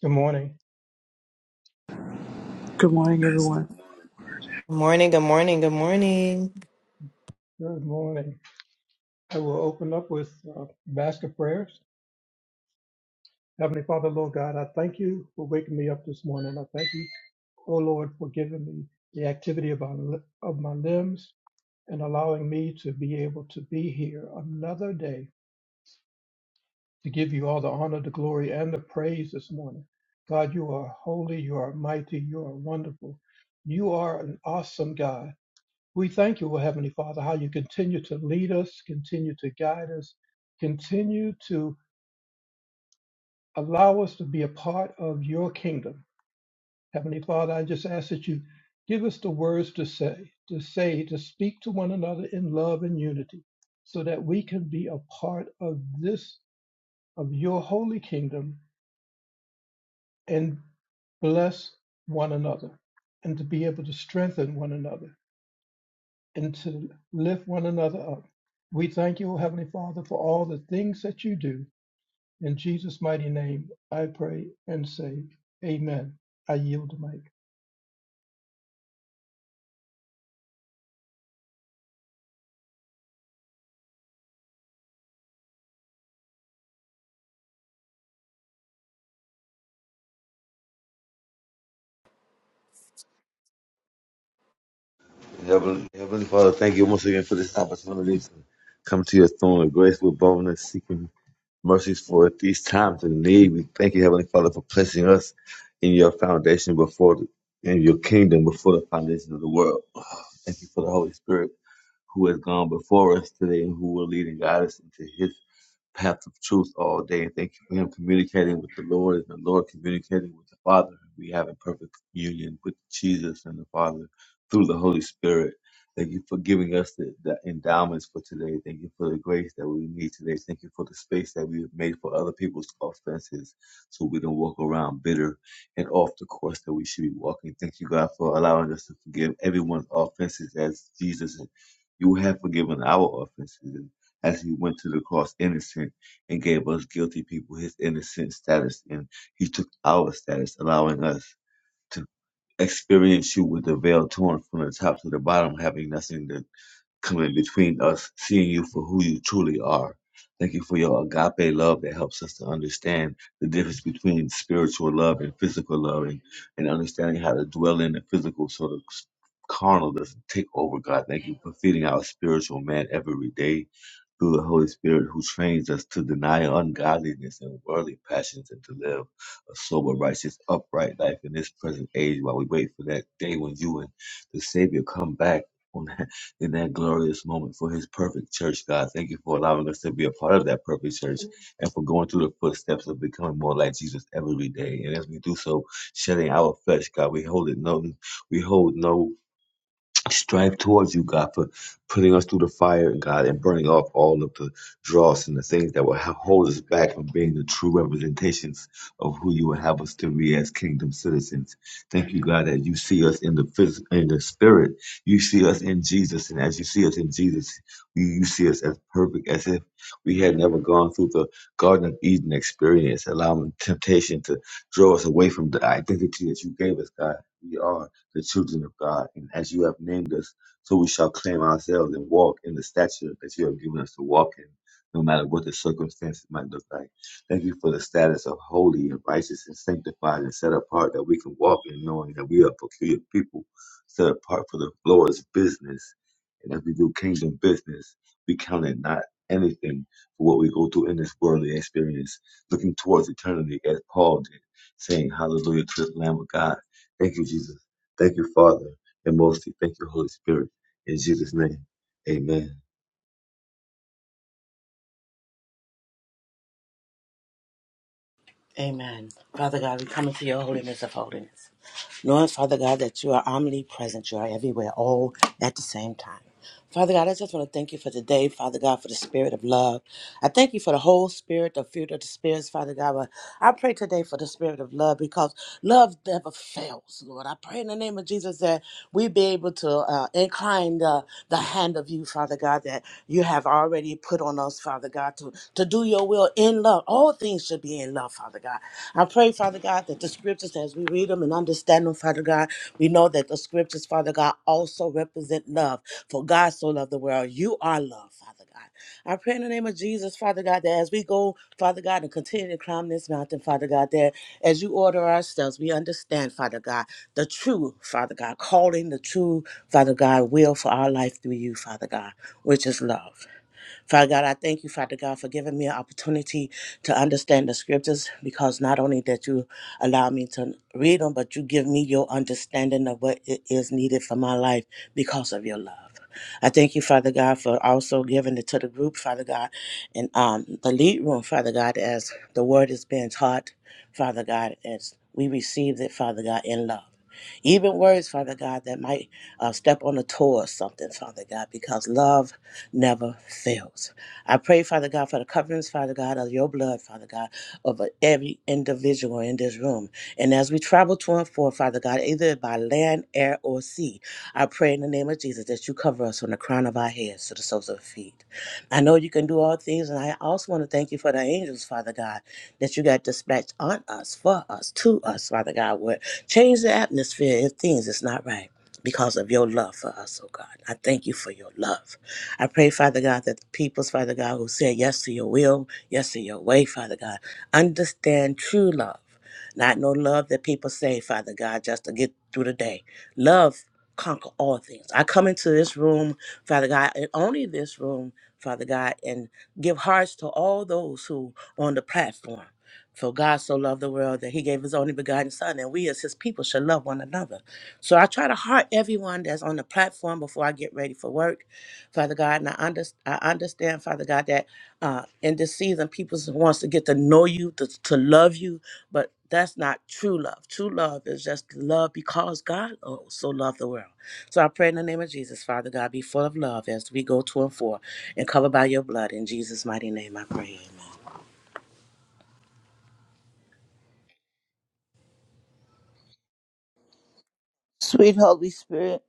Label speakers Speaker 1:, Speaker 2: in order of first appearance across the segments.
Speaker 1: Good morning.
Speaker 2: Good morning, everyone.
Speaker 3: Good morning, good morning, good morning.
Speaker 1: Good morning. I will open up with uh, a basket of prayers. Heavenly Father, Lord God, I thank you for waking me up this morning. I thank you, oh Lord, for giving me the activity of my, li- of my limbs and allowing me to be able to be here another day to give you all the honor, the glory, and the praise this morning. God, you are holy, you are mighty, you are wonderful. You are an awesome God. We thank you, O Heavenly Father, how you continue to lead us, continue to guide us, continue to allow us to be a part of your kingdom. Heavenly Father, I just ask that you give us the words to say, to say, to speak to one another in love and unity, so that we can be a part of this, of your holy kingdom, and bless one another, and to be able to strengthen one another and to lift one another up. We thank you, O Heavenly Father, for all the things that you do. In Jesus' mighty name, I pray and say, Amen. I yield the mic.
Speaker 4: Heavenly, Heavenly Father, thank you once again for this opportunity to come to your throne of grace with boldness, seeking mercies for at these times of need. We thank you, Heavenly Father, for placing us in your foundation before the, in your kingdom before the foundation of the world. Thank you for the Holy Spirit who has gone before us today and who will lead and guide us into His path of truth all day. and Thank you for him communicating with the Lord and the Lord communicating with the Father. We have a perfect union with Jesus and the Father through the Holy Spirit. Thank you for giving us the, the endowments for today. Thank you for the grace that we need today. Thank you for the space that we have made for other people's offenses so we don't walk around bitter and off the course that we should be walking. Thank you, God, for allowing us to forgive everyone's offenses as Jesus, you have forgiven our offenses as he went to the cross innocent and gave us guilty people his innocent status. And he took our status, allowing us to experience you with the veil torn from the top to the bottom, having nothing to come in between us, seeing you for who you truly are. Thank you for your agape love that helps us to understand the difference between spiritual love and physical love and, and understanding how to dwell in the physical so the carnal doesn't take over, God. Thank you for feeding our spiritual man every day through the Holy Spirit who trains us to deny ungodliness and worldly passions and to live a sober, righteous, upright life in this present age while we wait for that day when you and the Savior come back on that, in that glorious moment for his perfect church, God. Thank you for allowing us to be a part of that perfect church and for going through the footsteps of becoming more like Jesus every day. And as we do so, shedding our flesh, God, we hold it no we hold no strive towards you, God, for putting us through the fire, God, and burning off all of the dross and the things that will ha- hold us back from being the true representations of who you would have us to be as kingdom citizens. Thank you, God, that you see us in the phys- in the spirit. You see us in Jesus, and as you see us in Jesus, you, you see us as perfect, as if we had never gone through the Garden of Eden experience, allowing temptation to draw us away from the identity that you gave us, God. We are the children of God, and as you have named us, so we shall claim ourselves and walk in the stature that you have given us to walk in, no matter what the circumstances might look like. Thank you for the status of holy and righteous and sanctified and set apart that we can walk in, knowing that we are peculiar people set apart for the Lord's business. And as we do kingdom business, we count it not anything for what we go through in this worldly experience, looking towards eternity as Paul did, saying, Hallelujah to the Lamb of God. Thank you, Jesus Thank you, Father, and mostly thank you, Holy Spirit. In Jesus' name, amen.
Speaker 5: Amen. Father God, we come into your holiness of holiness. Knowing, Father God, that you are omnipresent, you are everywhere, all at the same time. Father God, I just want to thank you for today, Father God, for the spirit of love. I thank you for the whole spirit, the fruit of the spirits, Father God. But I pray today for the spirit of love because love never fails, Lord. I pray in the name of Jesus that we be able to uh, incline the, the hand of you, Father God, That. God, that you have already put on us, Father God, to, to do your will in love. All things should be in love, Father God. I pray, Father God, that the scriptures, as we read them and understand them, Father God, we know that the scriptures, Father God, also represent love. For God so loved the world. You are love, Father God. I pray in the name of Jesus, Father God, that as we go, Father God, and continue to climb this mountain, Father God, that as you order ourselves, we understand, Father God, the true, Father God, calling the true, Father God, will for our life through you, Father God, which is love. Father God, I thank you, Father God, for giving me an opportunity to understand the scriptures because not only that you allow me to read them, but you give me your understanding of what it is needed for my life because of your love. I thank you, Father God, for also giving it to the group, Father God, and um, the lead room, Father God, as the word is being taught, Father God, as we receive it, Father God, in love. Even words, Father God, that might uh, step on a toe or something, Father God, because love never fails. I pray, Father God, for the coverings, Father God, of your blood, Father God, over every individual in this room. And as we travel to and fro, Father God, either by land, air, or sea, I pray in the name of Jesus that you cover us from the crown of our heads to the soles of our feet. I know you can do all things, and I also want to thank you for the angels, Father God, that you got dispatched on us, for us, to us, Father God, would change the atmosphere if things is not right because of your love for us, oh God. I thank you for your love. I pray, Father God, that the peoples, Father God, who said yes to your will, yes to your way, Father God, understand true love. Not no love that people say, Father God, just to get through the day. Love conquer all things. I come into this room, Father God, and only this room, Father God, and give hearts to all those who on the platform. For God so loved the world that he gave his only begotten Son, and we as his people should love one another. So I try to heart everyone that's on the platform before I get ready for work. Father God, and I, under, I understand, Father God, that uh, in this season, people wants to get to know you, to, to love you, but that's not true love. True love is just love because God oh, so loved the world. So I pray in the name of Jesus, Father God, be full of love as we go to and for and covered by your blood. In Jesus' mighty name, I pray.
Speaker 6: Sweet Holy Spirit,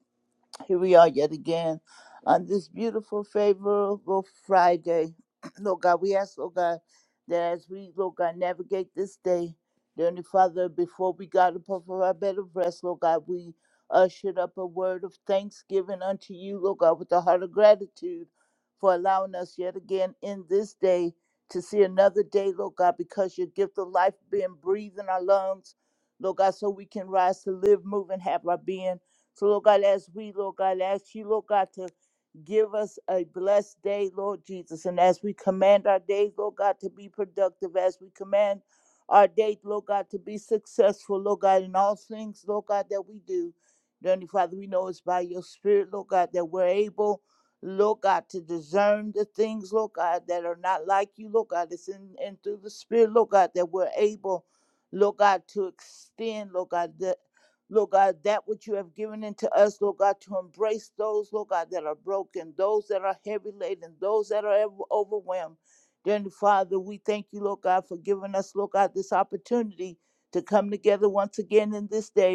Speaker 6: here we are yet again on this beautiful, favorable Friday. Lord God, we ask, Lord God, that as we, Lord God, navigate this day, dear Heavenly Father, before we got up off of our bed of rest, Lord God, we ushered up a word of thanksgiving unto you, Lord God, with a heart of gratitude for allowing us yet again in this day to see another day, Lord God, because your gift of life being breathed in our lungs, Lord God, so we can rise to live, move, and have our being. So, Lord God, as we, Lord God, ask you, Lord God, to give us a blessed day, Lord Jesus. And as we command our day, Lord God, to be productive, as we command our day, Lord God, to be successful, Lord God, in all things, Lord God, that we do. Dear Heavenly Father, we know it's by your Spirit, Lord God, that we're able, Lord God, to discern the things, Lord God, that are not like you, Lord God. It's in and through the Spirit, Lord God, that we're able, Lord God, to extend, Lord God, the Lord God, that which you have given into us, Lord God, to embrace those, Lord God, that are broken, those that are heavy laden, those that are ever overwhelmed. Dearly Father, we thank you, Lord God, for giving us, Lord God, this opportunity to come together once again in this day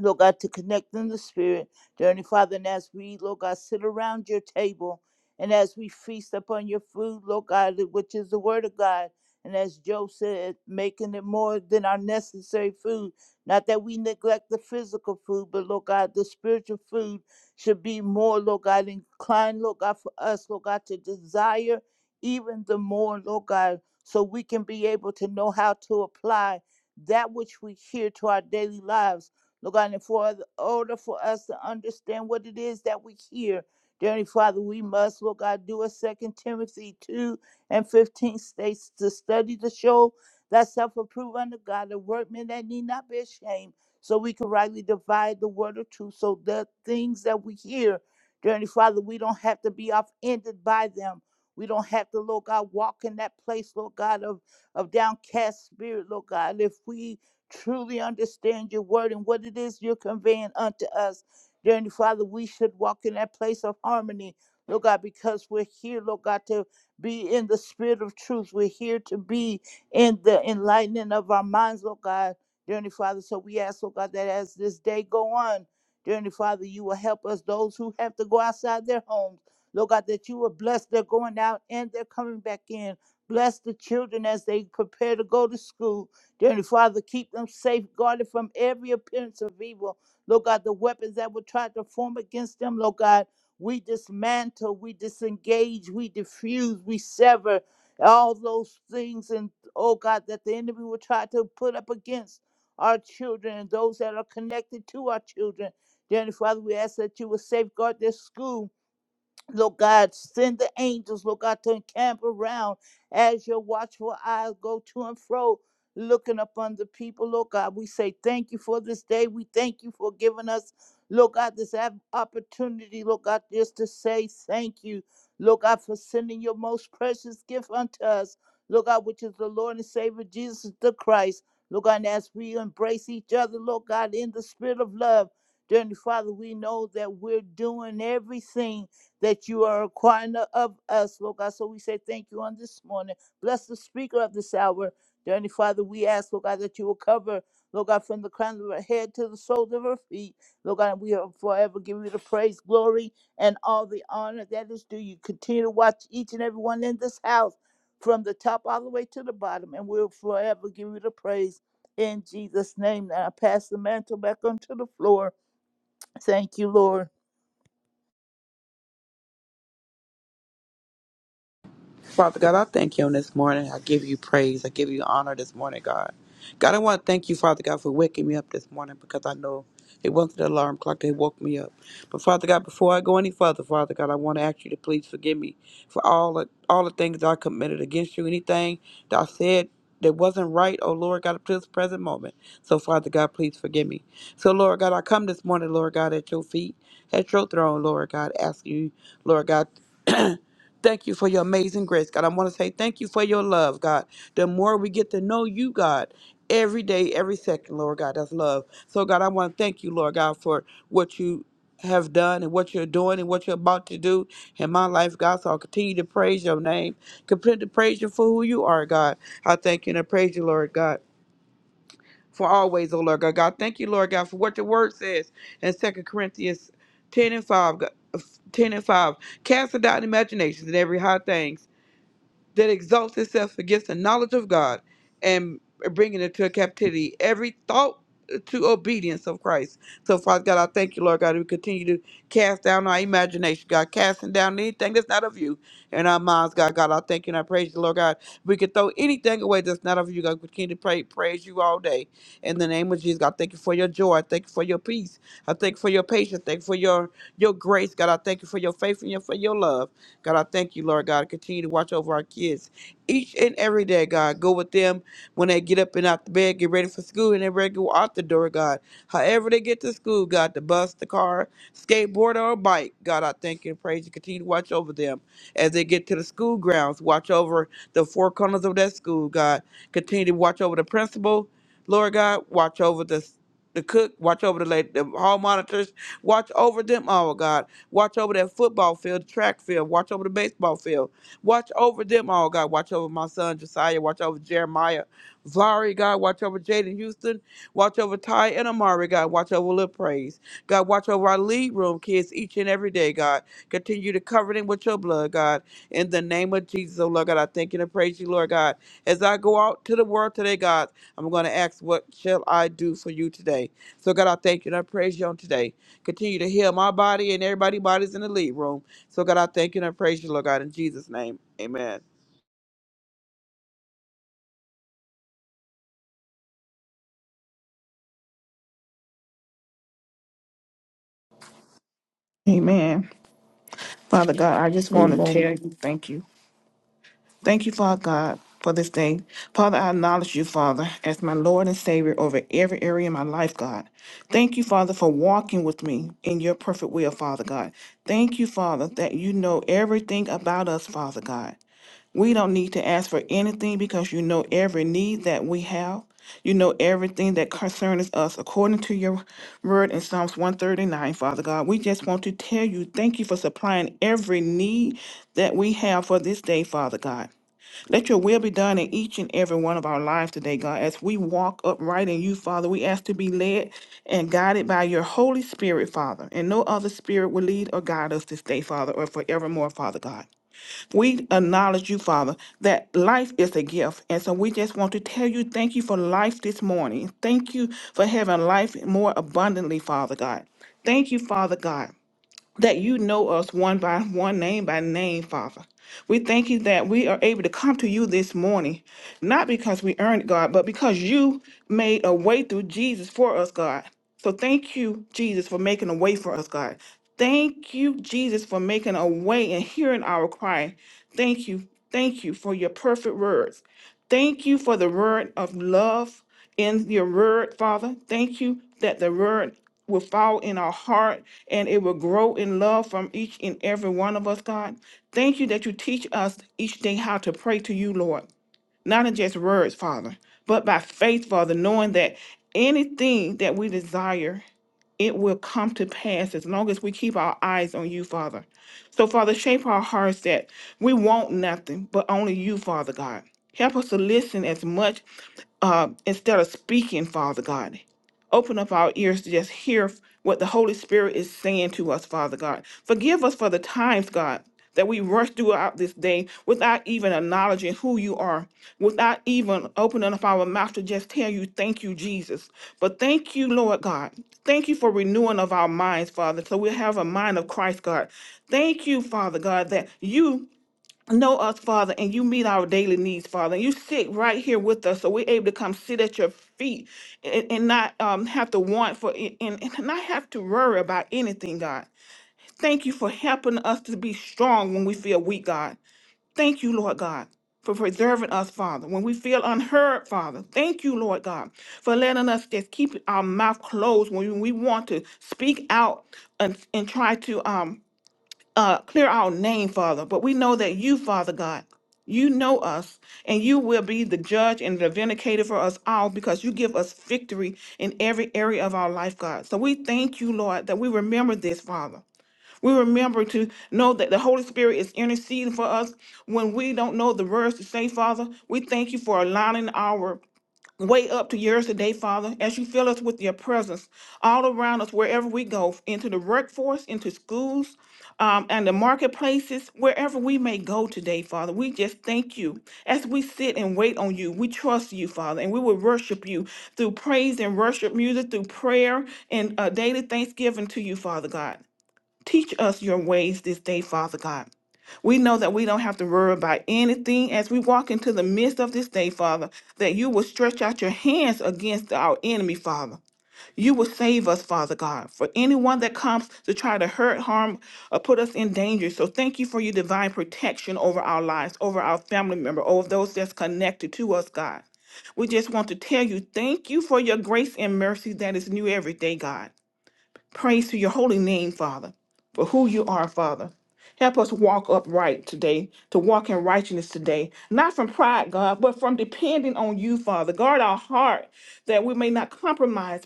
Speaker 6: Lord God, to connect in the spirit. Dear Heavenly Father, and as we, Lord God, sit around your table and as we feast upon your food, Lord God, which is the word of God. And as Joe said, making it more than our necessary food. Not that we neglect the physical food, but Lord God, the spiritual food should be more, Lord God, inclined, Lord God, for us, Lord God, to desire even the more, Lord God, so we can be able to know how to apply that which we hear to our daily lives Lord God, and for the order for us to understand what it is that we hear. Dear Heavenly Father, we must, Lord God, do a Second Timothy 2 and 15 states to study to show that self approved unto God, a workman that need not be ashamed, so we can rightly divide the word of truth. So the things that we hear, dear Heavenly Father, we don't have to be offended by them. We don't have to, Lord God, walk in that place, Lord God, of, of downcast spirit, Lord God. If we truly understand your word and what it is you're conveying unto us. Dear Heavenly Father, we should walk in that place of harmony, Lord God, because we're here, Lord God, to be in the spirit of truth. We're here to be in the enlightening of our minds, Lord God. Dear Heavenly Father, so we ask, Lord God, that as this day go on, Dear Heavenly Father, you will help us, those who have to go outside their homes. Lord God, that you will bless their going out and their coming back in. Bless the children as they prepare to go to school. Dearly Father, keep them safeguarded from every appearance of evil. Lord God, the weapons that will try to form against them, Lord God, we dismantle, we disengage, we diffuse, we sever all those things and oh God that the enemy will try to put up against our children and those that are connected to our children. Dearly Father, we ask that you will safeguard their school Lord God, send the angels, Lord God, to encamp around as your watchful eyes go to and fro, looking upon the people, Lord God. We say thank you for this day. We thank you for giving us, Lord God, this ap- opportunity, Lord God, just to say thank you, Lord God, for sending your most precious gift unto us, Lord God, which is the Lord and Savior Jesus the Christ. Lord God, and as we embrace each other, Lord God, in the spirit of love, dearly Father, we know that we're doing everything that you are requiring of us, Lord God. So we say thank you on this morning. Bless the speaker of this hour. Dear Heavenly Father, we ask, Lord God, that you will cover, Lord God, from the crown of her head to the soles of her feet. Lord God, we are forever giving you the praise, glory, and all the honor that is due you. Continue to watch each and every one in this house from the top all the way to the bottom, and we'll forever give you the praise in Jesus' name. Now I pass the mantle back onto the floor. Thank you, Lord.
Speaker 2: Father God, I thank you on this morning. I give you praise. I give you honor this morning, God. God, I want to thank you, Father God, for waking me up this morning because I know it wasn't the alarm clock that woke me up. But Father God, before I go any further, Father God, I want to ask you to please forgive me for all the, all the things that I committed against you, anything that I said that wasn't right, oh Lord God, up to this present moment. So Father God, please forgive me. So Lord God, I come this morning, Lord God, at your feet, at your throne, Lord God, asking you, Lord God. Thank you for your amazing grace, God. I want to say thank you for your love, God. The more we get to know you, God, every day, every second, Lord God, that's love. So, God, I want to thank you, Lord God, for what you have done and what you're doing and what you're about to do in my life, God. So I'll continue to praise your name, continue to praise you for who you are, God. I thank you and I praise you, Lord God, for always, oh Lord God. God, thank you, Lord God, for what the word says in Second Corinthians 10 and 5. God, 10 and 5. Cast down imaginations and every high thing that exalts itself against the knowledge of God and bringing it to captivity every thought to obedience of Christ. So, Father God, I thank you, Lord God, we continue to cast down our imagination, God, casting down anything that's not of you in our minds, God. God, I thank you and I praise you, Lord God. We can throw anything away that's not of you, God. We continue to pray, praise you all day. In the name of Jesus, God, thank you for your joy. I thank you for your peace. I thank you for your patience. Thank you for your your grace, God. I thank you for your faith and your, for your love. God, I thank you, Lord God. Continue to watch over our kids each and every day, God. Go with them when they get up and out the bed, get ready for school, and they're ready to go out the door, God. However they get to school, God, the bus, the car, skateboard, or bike, God, I thank you and praise you. Continue to watch over them as they get to the school grounds. Watch over the four corners of that school, God. Continue to watch over the principal, Lord God. Watch over the the cook, watch over the lady, the hall monitors, watch over them all, God. Watch over that football field, the track field. Watch over the baseball field. Watch over them all, God. Watch over my son Josiah. Watch over Jeremiah, Vari, God. Watch over Jaden Houston. Watch over Ty and Amari, God. Watch over Lil Praise. God, watch over our lead room kids each and every day, God. Continue to cover them with your blood, God. In the name of Jesus, oh Lord God, I thank you and praise you, Lord God. As I go out to the world today, God, I'm going to ask, what shall I do for you today? So God, I thank you and I praise you on today. Continue to heal my body and everybody's bodies in the lead room. So God, I thank you and I praise you, Lord God, in Jesus' name. Amen.
Speaker 7: Amen. Father God, I just want to
Speaker 8: Amen.
Speaker 7: tell you thank you. Thank you, Father God, for this day. Father, I acknowledge you, Father, as my Lord and Savior over every area of my life, God. Thank you, Father, for walking with me in your perfect will, Father God. Thank you, Father, that you know everything about us, Father God. We don't need to ask for anything because you know every need that we have. You know everything that concerns us according to your word in Psalms 139, Father God. We just want to tell you thank you for supplying every need that we have for this day, Father God. Let your will be done in each and every one of our lives today, God. As we walk upright in you, Father, we ask to be led and guided by your Holy Spirit, Father. And no other spirit will lead or guide us this day, Father, or forevermore, Father God. We acknowledge you, Father, that life is a gift. And so we just want to tell you thank you for life this morning. Thank you for having life more abundantly, Father God. Thank you, Father God that you know us one by one, name by name, Father. We thank you that we are able to come to you this morning, not because we earned it, God, but because you made a way through Jesus for us, God. So thank you, Jesus, for making a way for us, God. Thank you, Jesus, for making a way and hearing our cry. Thank you. Thank you for your perfect words. Thank you for the word of love in your word, Father. Thank you that the word will fall in our heart and it will grow in love from each and every one of us, God. Thank you that you teach us each day how to pray to you, Lord, not in just words, Father, but by faith, Father, knowing that anything that we desire, it will come to pass as long as we keep our eyes on you, Father. So, Father, shape our hearts that we want nothing but only you, Father God. Help us to listen as much uh, instead of speaking, Father God. Open up our ears to just hear what the Holy Spirit is saying to us, Father God. Forgive us for the times, God, that we rush throughout this day without even acknowledging who you are, without even opening up our mouth to just tell you, thank you, Jesus. But thank you, Lord God. Thank you for renewing of our minds, Father, so we have a mind of Christ, God. Thank you, Father God, that you Know us, Father, and you meet our daily needs, Father. you sit right here with us, so we're able to come sit at your feet and, and not um, have to want for and, and and not have to worry about anything, God. Thank you for helping us to be strong when we feel weak, God. Thank you, Lord God. For preserving us, Father, when we feel unheard, Father. Thank you, Lord God, for letting us just keep our mouth closed when we want to speak out and, and try to um uh, clear our name, Father, but we know that you, Father God, you know us, and you will be the judge and the vindicator for us all because you give us victory in every area of our life, God. So we thank you, Lord, that we remember this, Father. We remember to know that the Holy Spirit is interceding for us when we don't know the words to say, Father. We thank you for aligning our Way up to yours today, Father, as you fill us with your presence all around us, wherever we go, into the workforce, into schools, um, and the marketplaces, wherever we may go today, Father. We just thank you. As we sit and wait on you, we trust you, Father, and we will worship you through praise and worship music, through prayer and uh, daily thanksgiving to you, Father God. Teach us your ways this day, Father God. We know that we don't have to worry about anything as we walk into the midst of this day, Father, that you will stretch out your hands against our enemy, Father. You will save us, Father God, for anyone that comes to try to hurt, harm, or put us in danger. So thank you for your divine protection over our lives, over our family member, over those that's connected to us, God. We just want to tell you thank you for your grace and mercy that is new every day, God. Praise to your holy name, Father, for who you are, Father. Help us walk upright today, to walk in righteousness today, not from pride, God, but from depending on you, Father. Guard our heart that we may not compromise,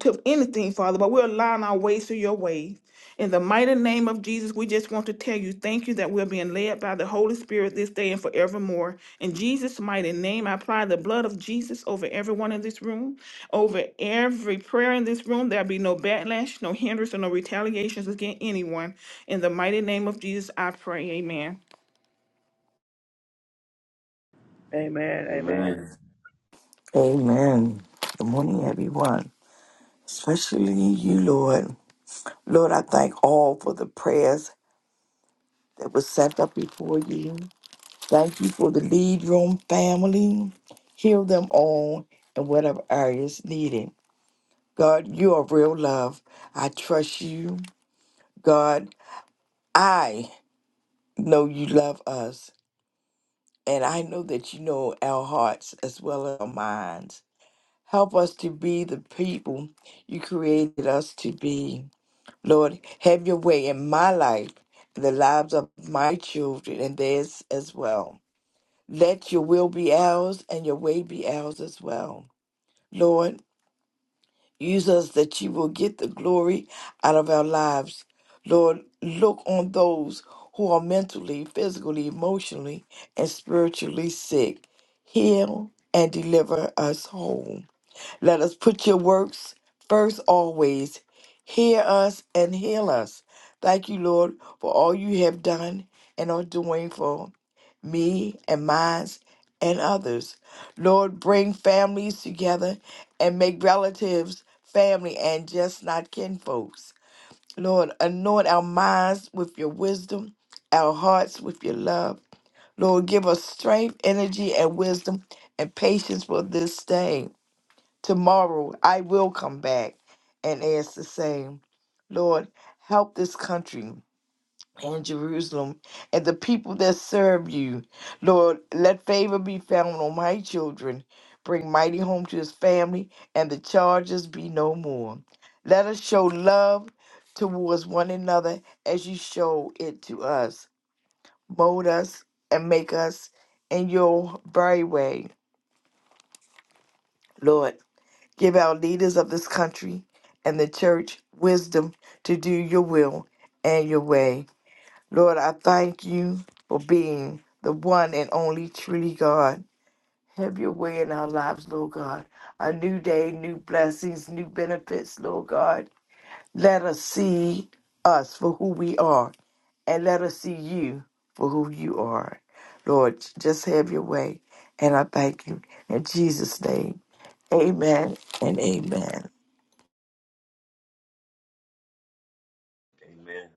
Speaker 7: to anything, Father, but we're allowing our ways to your ways. In the mighty name of Jesus, we just want to tell you thank you that we're being led by the Holy Spirit this day and forevermore. In Jesus' mighty name, I apply the blood of Jesus over everyone in this room, over every prayer in this room. There'll be no backlash, no hindrance, and no retaliations against anyone. In the mighty name of Jesus, I pray. Amen.
Speaker 2: Amen.
Speaker 4: Amen.
Speaker 8: Amen. Good morning, everyone. Especially you, Lord. Lord, I thank all for the prayers that were sent up before you. Thank you for the lead room family. Heal them all in whatever areas needed. God, you are real love. I trust you. God, I know you love us. And I know that you know our hearts as well as our minds. Help us to be the people you created us to be. Lord, have your way in my life and the lives of my children and theirs as well. Let your will be ours and your way be ours as well. Lord, use us that you will get the glory out of our lives. Lord, look on those who are mentally, physically, emotionally, and spiritually sick. Heal and deliver us whole. Let us put your works first always. Hear us and heal us. Thank you, Lord, for all you have done and are doing for me and mine and others. Lord, bring families together and make relatives, family, and just not kinfolks. Lord, anoint our minds with your wisdom, our hearts with your love. Lord, give us strength, energy, and wisdom and patience for this day. Tomorrow I will come back and ask the same. Lord, help this country and Jerusalem and the people that serve you. Lord, let favor be found on my children. Bring mighty home to his family, and the charges be no more. Let us show love towards one another as you show it to us. Mold us and make us in your very way. Lord, Give our leaders of this country and the church wisdom to do your will and your way. Lord, I thank you for being the one and only truly God. Have your way in our lives, Lord God. A new day, new blessings, new benefits, Lord God. Let us see us for who we are and let us see you for who you are. Lord, just have your way. And I thank you. In Jesus' name, amen and amen.
Speaker 4: Amen.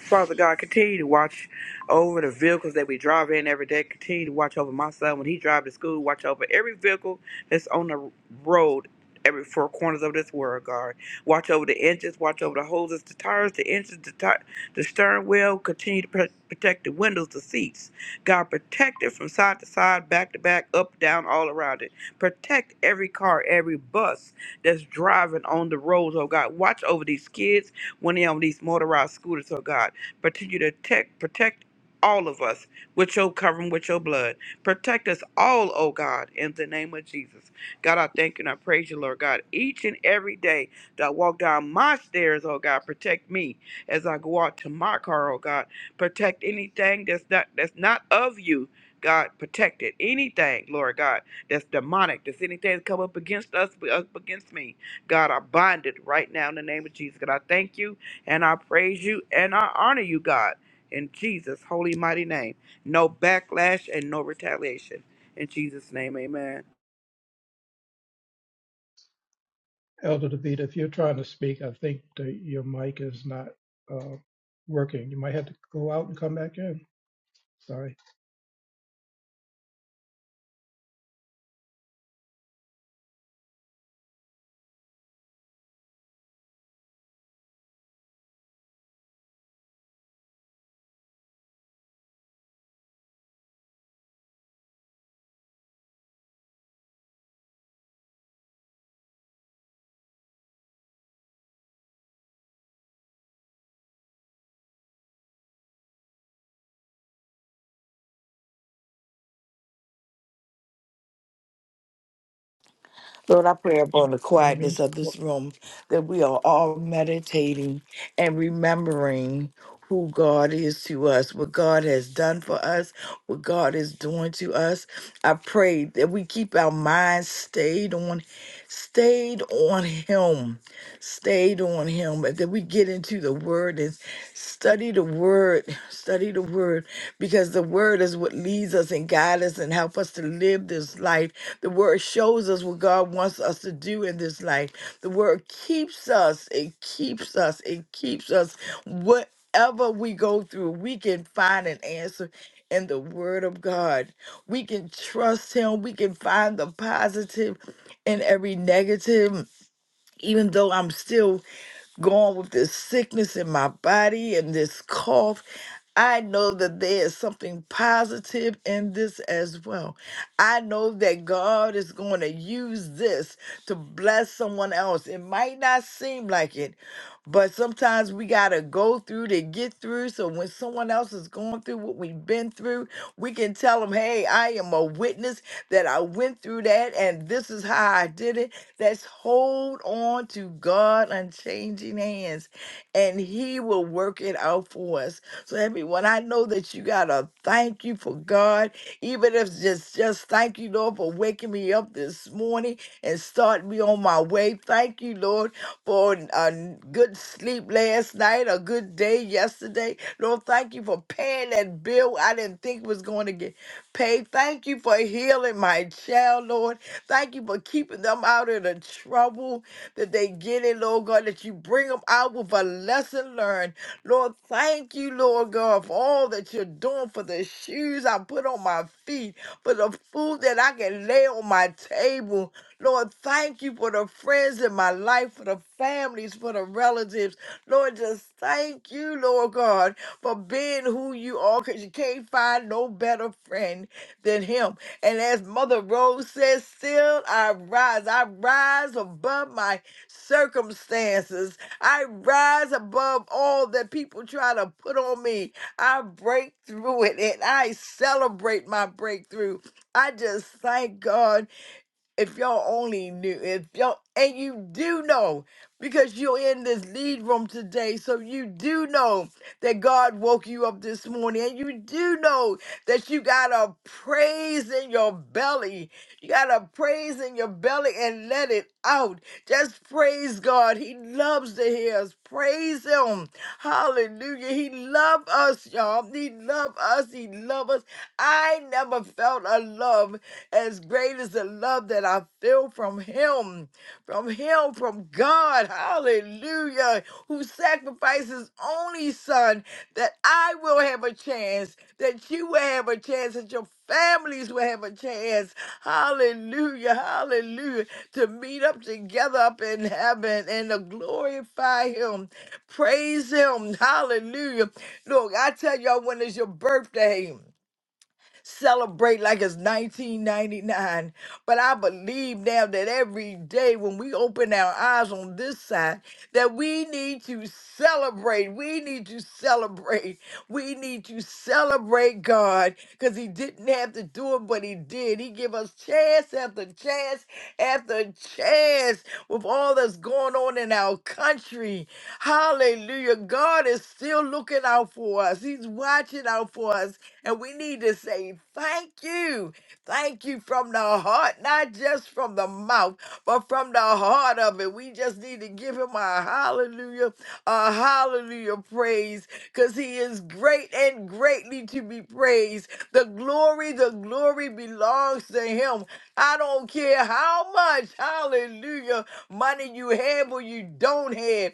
Speaker 2: Father God, continue to watch over the vehicles that we drive in every day. Continue to watch over my son when he drives to school. Watch over every vehicle that's on the road, every four corners of this world, God. Watch over the engines, watch over the hoses, the tires, the engines, the, ti- the stern wheel. Continue to pro- protect the windows, the seats. God, protect it from side to side, back to back, up, down, all around it. Protect every car, every bus that's driving on the roads, oh God. Watch over these kids when they're on these motorized scooters, oh God. Continue to protect, protect all of us with your covering, with your blood. Protect us all, oh God, in the name of Jesus. God, I thank you and I praise you, Lord God. Each and every day that I walk down my stairs, oh God, protect me as I go out to my car, oh God. Protect anything that's not that's not of you. God, protect it. Anything, Lord God, that's demonic, that's anything that come up against us, up against me. God, I bind it right now in the name of Jesus. God, I thank you and I praise you and I honor you, God, in Jesus' holy mighty name. No backlash and no retaliation. In Jesus' name, amen.
Speaker 1: Elder David, if you're trying to speak, I think that your mic is not uh, working. You might have to go out and come back in. Sorry.
Speaker 8: Lord, I pray upon the
Speaker 1: In the
Speaker 8: quietness
Speaker 1: meantime,
Speaker 8: of this room that we are all meditating and remembering who God is to us, what God has done for us, what God is doing to us. I pray that we keep our minds stayed on stayed on him, stayed on him, and that we get into the word and Study the word, study the word, because the word is what leads us and guides us and help us to live this life. The word shows us what God wants us to do in this life. The word keeps us, it keeps us, it keeps us. Whatever we go through, we can find an answer in the word of God. We can trust Him, we can find the positive in every negative. Even though I'm still going with this sickness in my body and this cough I know that there is something positive in this as well. I know that God is going to use this to bless someone else. It might not seem like it, but sometimes we got to go through to get through. So when someone else is going through what we've been through, we can tell them, hey, I am a witness that I went through that and this is how I did it. Let's hold on to God unchanging hands and He will work it out for us. So everyone, I know that you gotta thank you for God, even if it's just just thank you, Lord, for waking me up this morning and starting me on my way. Thank you, Lord, for a good sleep last night, a good day yesterday. Lord, thank you for paying that bill I didn't think was going to get paid. Thank you for healing my child, Lord. Thank you for keeping them out of the trouble that they get in, Lord God, that you bring them out with a lesson learned Lord, thank you, Lord God, for all that you're doing, for the shoes I put on my feet, for the food that I can lay on my table. Lord, thank you for the friends in my life, for the families, for the relatives. Lord, just thank you, Lord God, for being who you are, because you can't find no better friend than him. And as Mother Rose says, still I rise. I rise above my circumstances. I rise above all that people try to put on me. I break through it and I celebrate my breakthrough. I just thank God if y'all only knew, if y'all, and you do know, because you're in this lead room today, so you do know that God woke you up this morning, and you do know that you got a praise in your belly. You got a praise in your belly and let it out. Just praise God. He loves to hear us. Praise Him. Hallelujah. He loves us, y'all. He loves us. He loves us. I never felt a love as great as the love that I feel from Him, from Him, from God. Hallelujah. Who sacrificed His only Son that I will have a chance, that you will have a chance, that your families will have a chance. Hallelujah. Hallelujah. To meet up together up in heaven and to glorify Him. Praise Him. Hallelujah. Look, I tell y'all when is your birthday celebrate like it's 1999. But I believe now that every day when we open our eyes on this side, that we need to celebrate. We need to celebrate. We need to celebrate God because He didn't have to do it, but He did. He give us chance after chance after chance with all that's going on in our country. Hallelujah. God is still looking out for us. He's watching out for us. And we need to say thank you. Thank you from the heart, not just from the mouth, but from the heart of it. We just need to give him a hallelujah, a hallelujah praise, because he is great and greatly to be praised. The glory, the glory belongs to him. I don't care how much, hallelujah, money you have or you don't have.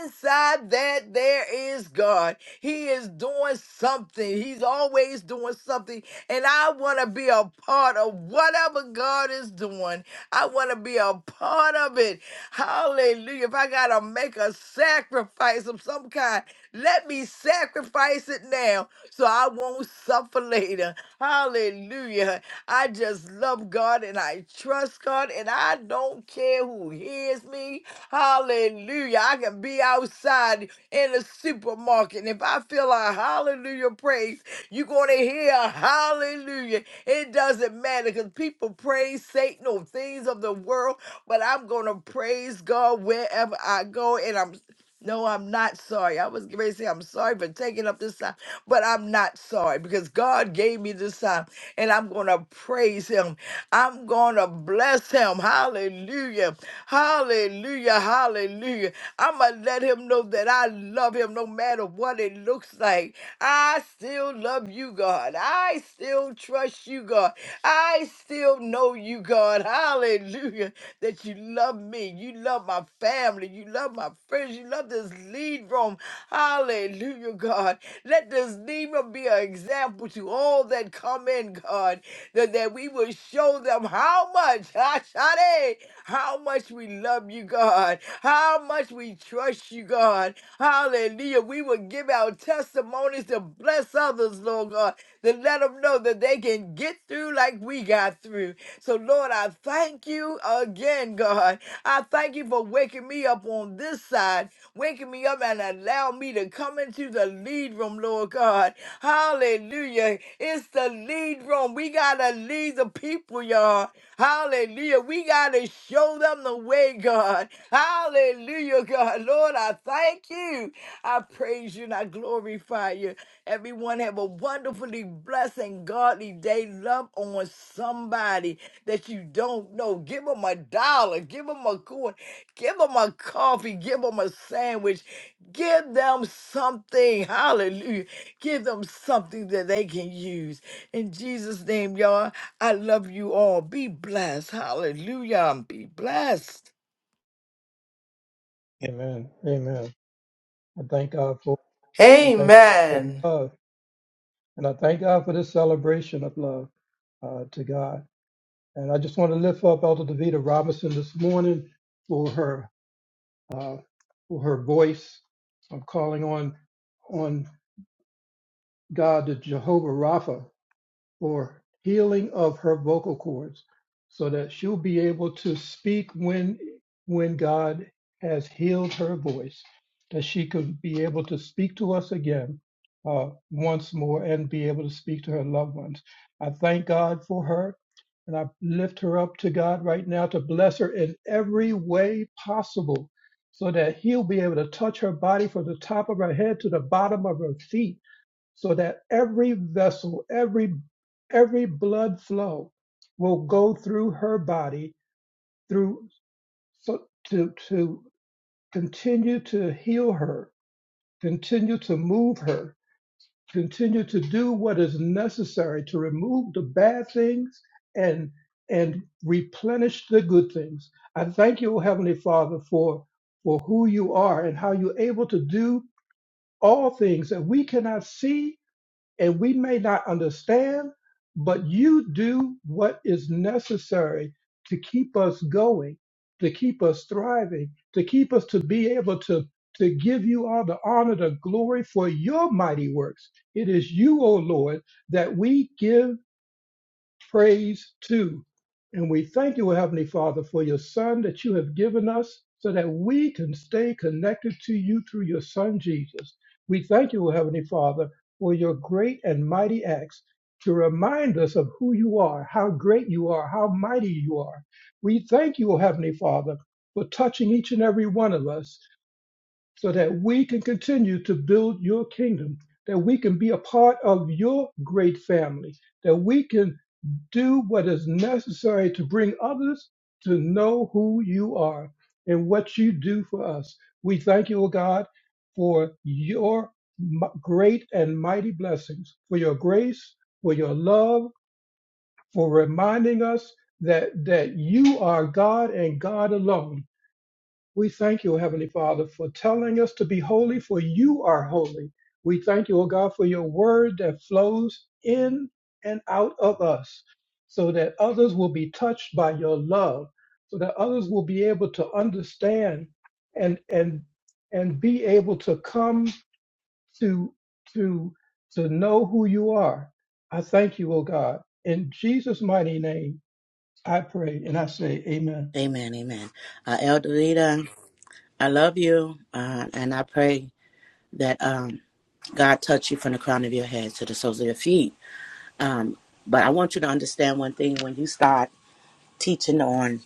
Speaker 8: Inside that, there is God. He is doing something. He's always doing something. And I want to be a part of whatever God is doing. I want to be a part of it. Hallelujah. If I got to make a sacrifice of some kind, let me sacrifice it now so I won't suffer later. Hallelujah. I just love God and I trust God and I don't care who hears me. Hallelujah. I can be outside in the supermarket. And if I feel a hallelujah praise, you're going to hear a hallelujah. It doesn't matter because people praise Satan or things of the world, but I'm going to praise God wherever I go. And I'm no, I'm not sorry. I was going to say I'm sorry for taking up this time, but I'm not sorry because God gave me this time and I'm going to praise him. I'm going to bless him. Hallelujah. Hallelujah. Hallelujah. I'm going to let him know that I love him no matter what it looks like. I still love you, God. I still trust you, God. I still know you, God. Hallelujah hallelujah, that you love me. You love my family. You love my friends. You love this lead room. Hallelujah, God. Let this lead room be an example to all that come in, God, that, that we will show them how much, Ashade, how much we love you, God, how much we trust you, God. Hallelujah. We will give our testimonies to bless others, Lord God, to let them know know that they can get through like we got through. So, Lord, I thank you again, God. I thank you for waking me up on this side, waking me up and allow me to come into the lead room, Lord God. Hallelujah. It's the lead room. We got to lead the people, y'all. Hallelujah. We got to show them the way, God. Hallelujah, God. Lord, I thank you. I praise you and I glorify you. Everyone have a wonderfully blessed and godly day. Love on somebody that you don't know. Give them a dollar. Give them a coin. Give them a coffee. Give them a sandwich. Give them something. Hallelujah. Give them something that they can use. In Jesus' name, y'all, I love you all. Be blessed. Hallelujah. Be blessed.
Speaker 1: Amen. Amen. I thank God for I thank God for
Speaker 9: Amen.
Speaker 1: love, and I thank God for this celebration of love uh, to God. And I just want to lift up Elder Davita Robinson this morning for her uh, for her voice. I'm calling on on God, the Jehovah Rapha or healing of her vocal cords so that she'll be able to speak when when God has healed her voice that she could be able to speak to us again uh, once more and be able to speak to her loved ones. I thank God for her and I lift her up to God right now to bless her in every way possible so that he'll be able to touch her body from the top of her head to the bottom of her feet so that every vessel, every every blood flow will go through her body through so to to continue to heal her, continue to move her, continue to do what is necessary to remove the bad things and and replenish the good things. I thank you, O Heavenly Father, for for who you are and how you're able to do all things that we cannot see and we may not understand, but you do what is necessary to keep us going, to keep us thriving, to keep us to be able to, to give you all the honor, the glory for your mighty works. It is you, O Lord, that we give praise to. And we thank you, Heavenly Father, for your Son that you have given us so that we can stay connected to you through your Son, Jesus. We thank you, Heavenly Father, for your great and mighty acts to remind us of who you are, how great you are, how mighty you are. We thank you, Heavenly Father, for touching each and every one of us so that we can continue to build your kingdom, that we can be a part of your great family, that we can do what is necessary to bring others to know who you are and what you do for us. We thank you, O God, for your m- great and mighty blessings, for your grace, for your love, for reminding us that, that you are God and God alone we thank you, O Heavenly Father, for telling us to be holy, for you are holy. We thank you, O God, for your word that flows in and out of us so that others will be touched by your love, so that others will be able to understand and and and be able to come to to to know who you are. I thank you, O God. In Jesus' mighty name, I pray and I say amen.
Speaker 5: Amen. Amen. Amen. Uh, Elder Rita, I love you, uh, and I pray that um, God touch you from the crown of your head to the soles of your feet Um, but I want you to understand one thing when you start teaching on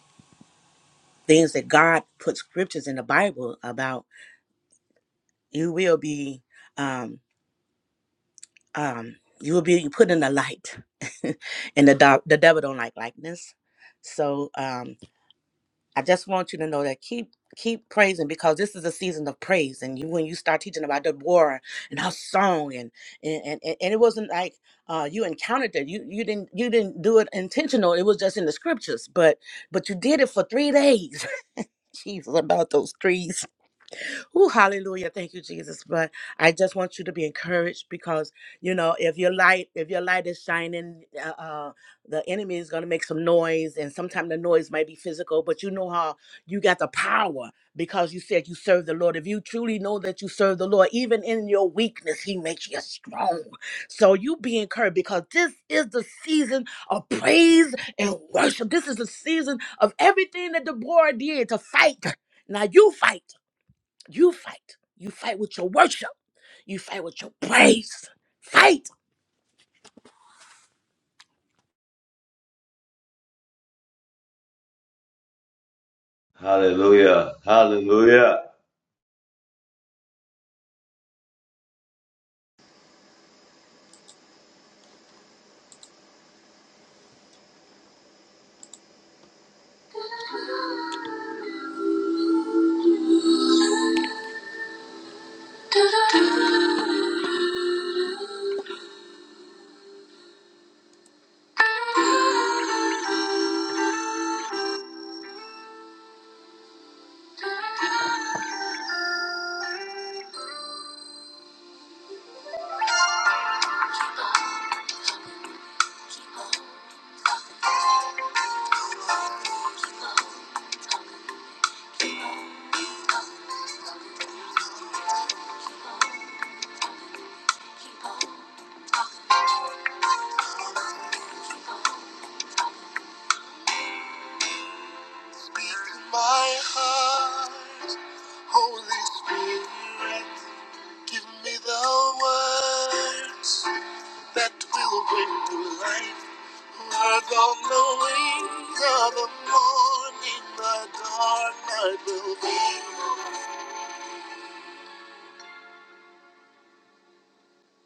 Speaker 5: things that God put scriptures in the Bible about, you will be, um, um, you will be put in the light, and the do- the devil don't like likeness. So, um, I just want you to know that keep keep praising because this is a season of praise. And you when you start teaching about Deborah and her song and and and, and and it wasn't like uh, you encountered that you you didn't you didn't do it intentional. It was just in the scriptures, but but you did it for three days. Jesus, about those three. Oh, hallelujah. Thank you, Jesus. But I just want you to be encouraged because, you know, if your light, if your light is shining, uh, uh, the enemy is going to make some noise. And sometimes the noise might be physical, but you know how you got the power because you said you serve the Lord. If you truly know that you serve the Lord, even in your weakness, he makes you strong. So you be encouraged because this is the season of praise and worship. This is the season of everything that Deborah did to fight. Now you fight. You fight. You fight with your worship. You fight with your praise. Fight.
Speaker 4: Hallelujah. Hallelujah.
Speaker 10: Speak to my heart, Holy Spirit. Give me the words that will bring to life. Words on the wings of the morning, the dark night will be.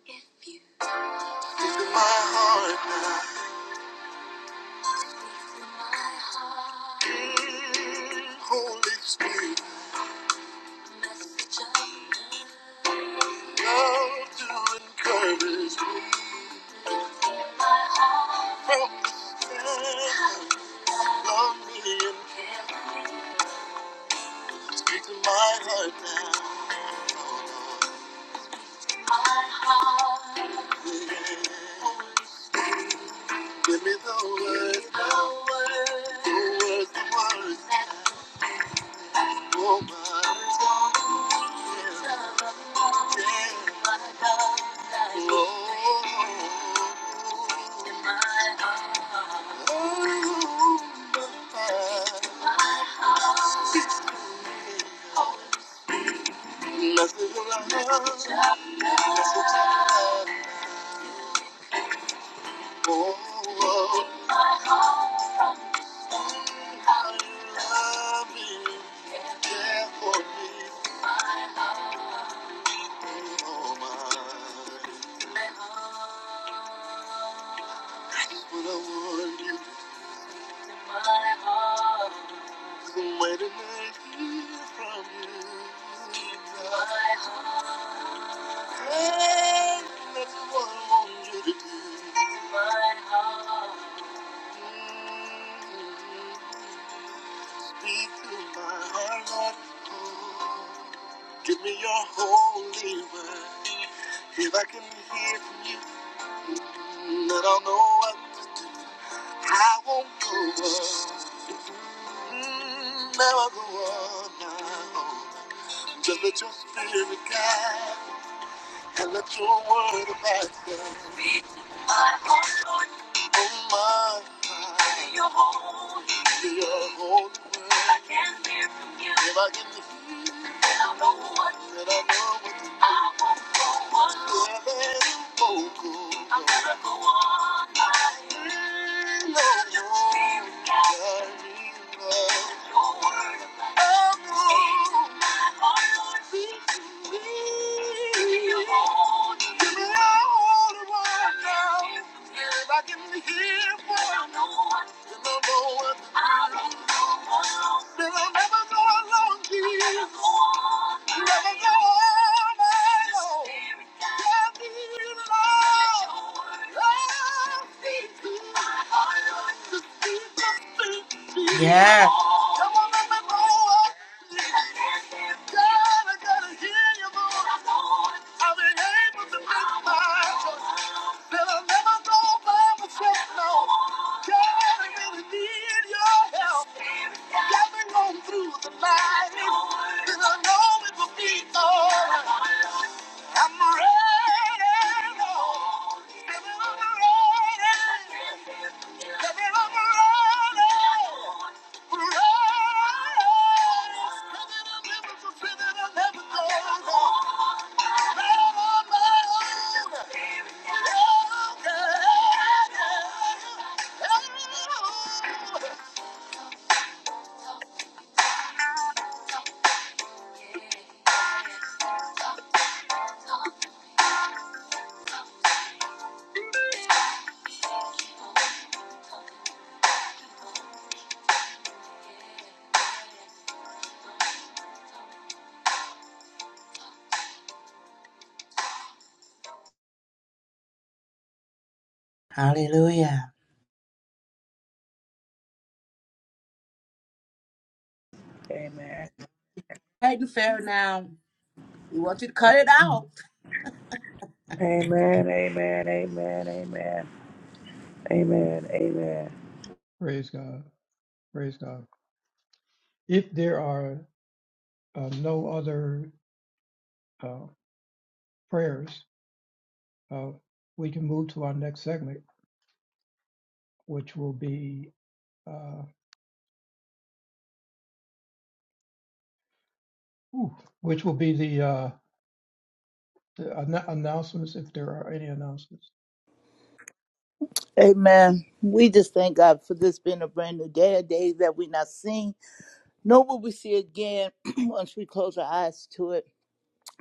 Speaker 10: Speak to my heart now. Mm, Holy Spirit. Love to encourage me from the stand. Love me and speak to my heart now. Yeah. Give me the words. the words. the words. Love me, Care for me. Speak to my heart, Lord. Give me your holy word. If I can hear from you, then I'll know what I won't go on. Mm, Never go on now. Just let your spirit guide and let your word abide. Oh my. You're holy. You're holy. I can't live from you. If I get to then I know what then I know what to do. I won't go on. Yeah, I'm gonna go on. Mm, no, Your spirit guides me. Your word abides in my heart. Give me all. the right now. If I can hear what I know. and I know what They'll never go alone, Jesus. Never go alone. Can't be alone. Oh, Jesus. Just be the Jesus.
Speaker 5: Yeah.
Speaker 10: Come on, let me go up. God, I gotta hear your voice. I've been able to make my choice. That I'll never go by myself, no. God, I really need your help. Got me going through the night. And I know it will be alright. I'm ready, Lord. Baby, I'm ready. Baby, I'm ready.
Speaker 5: Hallelujah.
Speaker 2: Amen.
Speaker 5: Fighting fair now. We want you to cut it out.
Speaker 2: Amen. Amen. Amen. Amen. Amen. Amen.
Speaker 1: Praise God. Praise God. If there are uh, no other uh, prayers, uh, we can move to our next segment, which will be uh, ooh, which will be the, uh, the anno- announcements, if there are any announcements.
Speaker 6: Amen. We just thank God for this being a brand new day, a day that we're not seeing, nor will we see again once we close our eyes to it.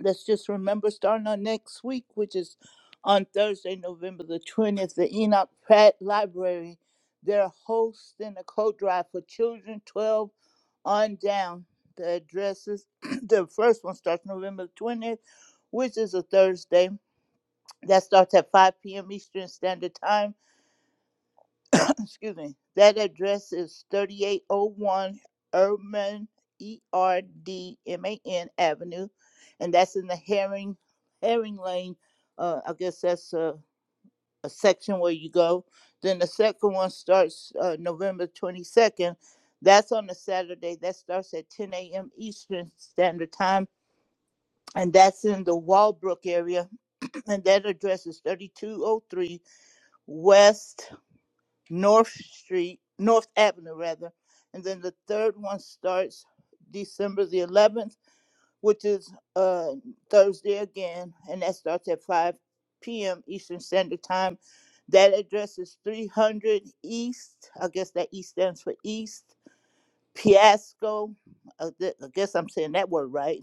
Speaker 6: Let's just remember starting on next week, which is on Thursday, November the 20th, the Enoch Pratt Library. They're hosting a coat drive for children 12 on down. The addresses, the first one starts November 20th, which is a Thursday. That starts at 5 p.m. Eastern Standard Time. excuse me, that address is thirty-eight oh one Erdman, E R D M A N Avenue, and that's in the Herring, Herring Lane. Uh, I guess that's a, a section where you go. Then the second one starts, uh, November twenty-second. That's on a Saturday. That starts at ten AM Eastern Standard Time, and that's in the Walbrook area. And that address is thirty-two oh three West North Street, North Avenue rather, and then the third one starts December the 11th, which is uh, Thursday again, and that starts at 5 p.m. Eastern Standard Time. That address is 300 East. I guess that E stands for East Piasco. I gue- I guess I'm saying that word right.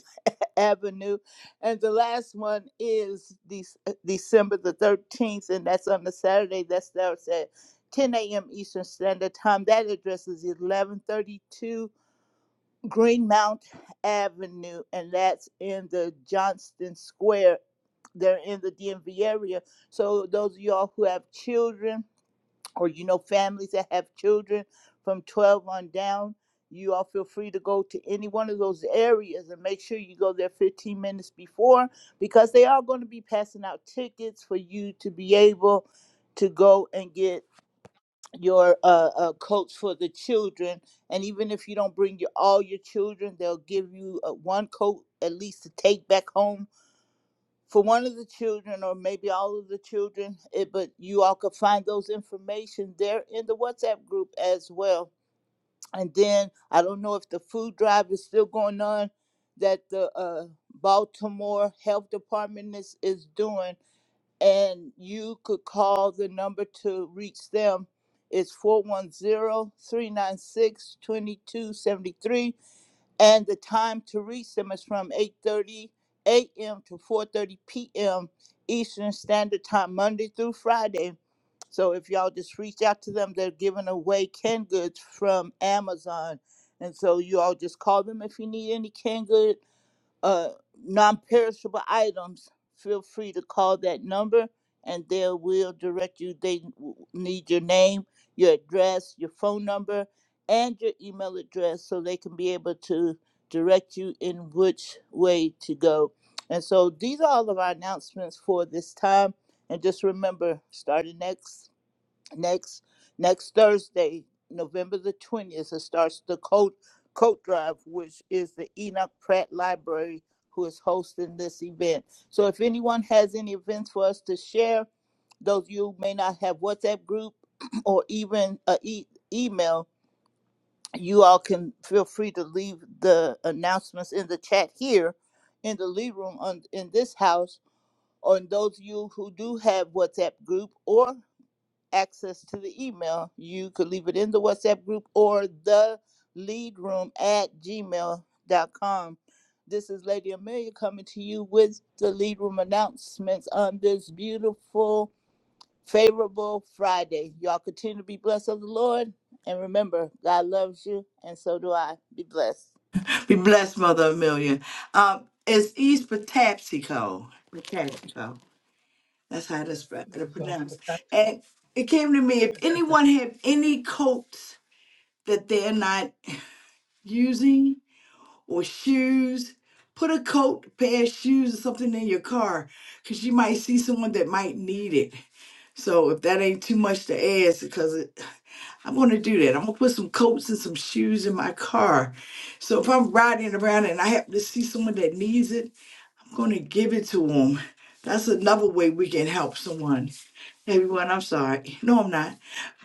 Speaker 6: Avenue. And the last one is De- December the 13th, and that's on the Saturday. That's starts at 10 a.m. Eastern Standard Time. That address is 1132 Greenmount Avenue, and that's in the Johnston Square. They're in the DMV area. So, those of y'all who have children, or you know families that have children from 12 on down you all feel free to go to any one of those areas and make sure you go there 15 minutes before because they are going to be passing out tickets for you to be able to go and get your uh, uh, coach for the children and even if you don't bring your all your children they'll give you uh, one coat at least to take back home for one of the children or maybe all of the children it, but you all could find those information there in the whatsapp group as well and then i don't know if the food drive is still going on that the uh, baltimore health department is, is doing and you could call the number to reach them it's four one zero three nine six twenty two seventy three and the time to reach them is from 8.30 a.m. to 4.30 p.m. Eastern Standard Time, Monday through Friday. So if y'all just reach out to them, they're giving away canned goods from Amazon. And so you all just call them if you need any canned goods uh, non-perishable items, feel free to call that number and they will direct you. They w- need your name, your address, your phone number, and your email address so they can be able to direct you in which way to go. And so these are all of our announcements for this time. And just remember, starting next next next Thursday, November the twentieth, it starts the coat coat drive, which is the Enoch Pratt Library who is hosting this event. So if anyone has any events for us to share, those of you who may not have WhatsApp group or even a e- email, you all can feel free to leave the announcements in the chat here in the lead room on in this house. Or in those of you who do have WhatsApp group, or access to the email. You could leave it in the WhatsApp group or the lead room at gmail.com. This is Lady Amelia coming to you with the lead room announcements on this beautiful, favorable Friday. Y'all continue to be blessed of the Lord. And remember, God loves you, and so do I. Be blessed.
Speaker 8: Be blessed, Mother Amelia. Um, it's East Patapsco. Patapsco. That's how that's pr- to
Speaker 1: That's uh,
Speaker 8: pronounce.
Speaker 1: Patasco.
Speaker 8: And it came to me if
Speaker 1: Patasco.
Speaker 8: anyone have any coats that they're not using, or shoes. Put a coat, pair of shoes, or something in your car because you might see someone that might need it. So if that ain't too much to ask, because it, I'm gonna do that. I'm gonna put some coats and some shoes in my car. So if I'm riding around and I happen to see someone that needs it, I'm gonna give it to them. That's another way we can help someone. Everyone, I'm sorry. No, I'm not.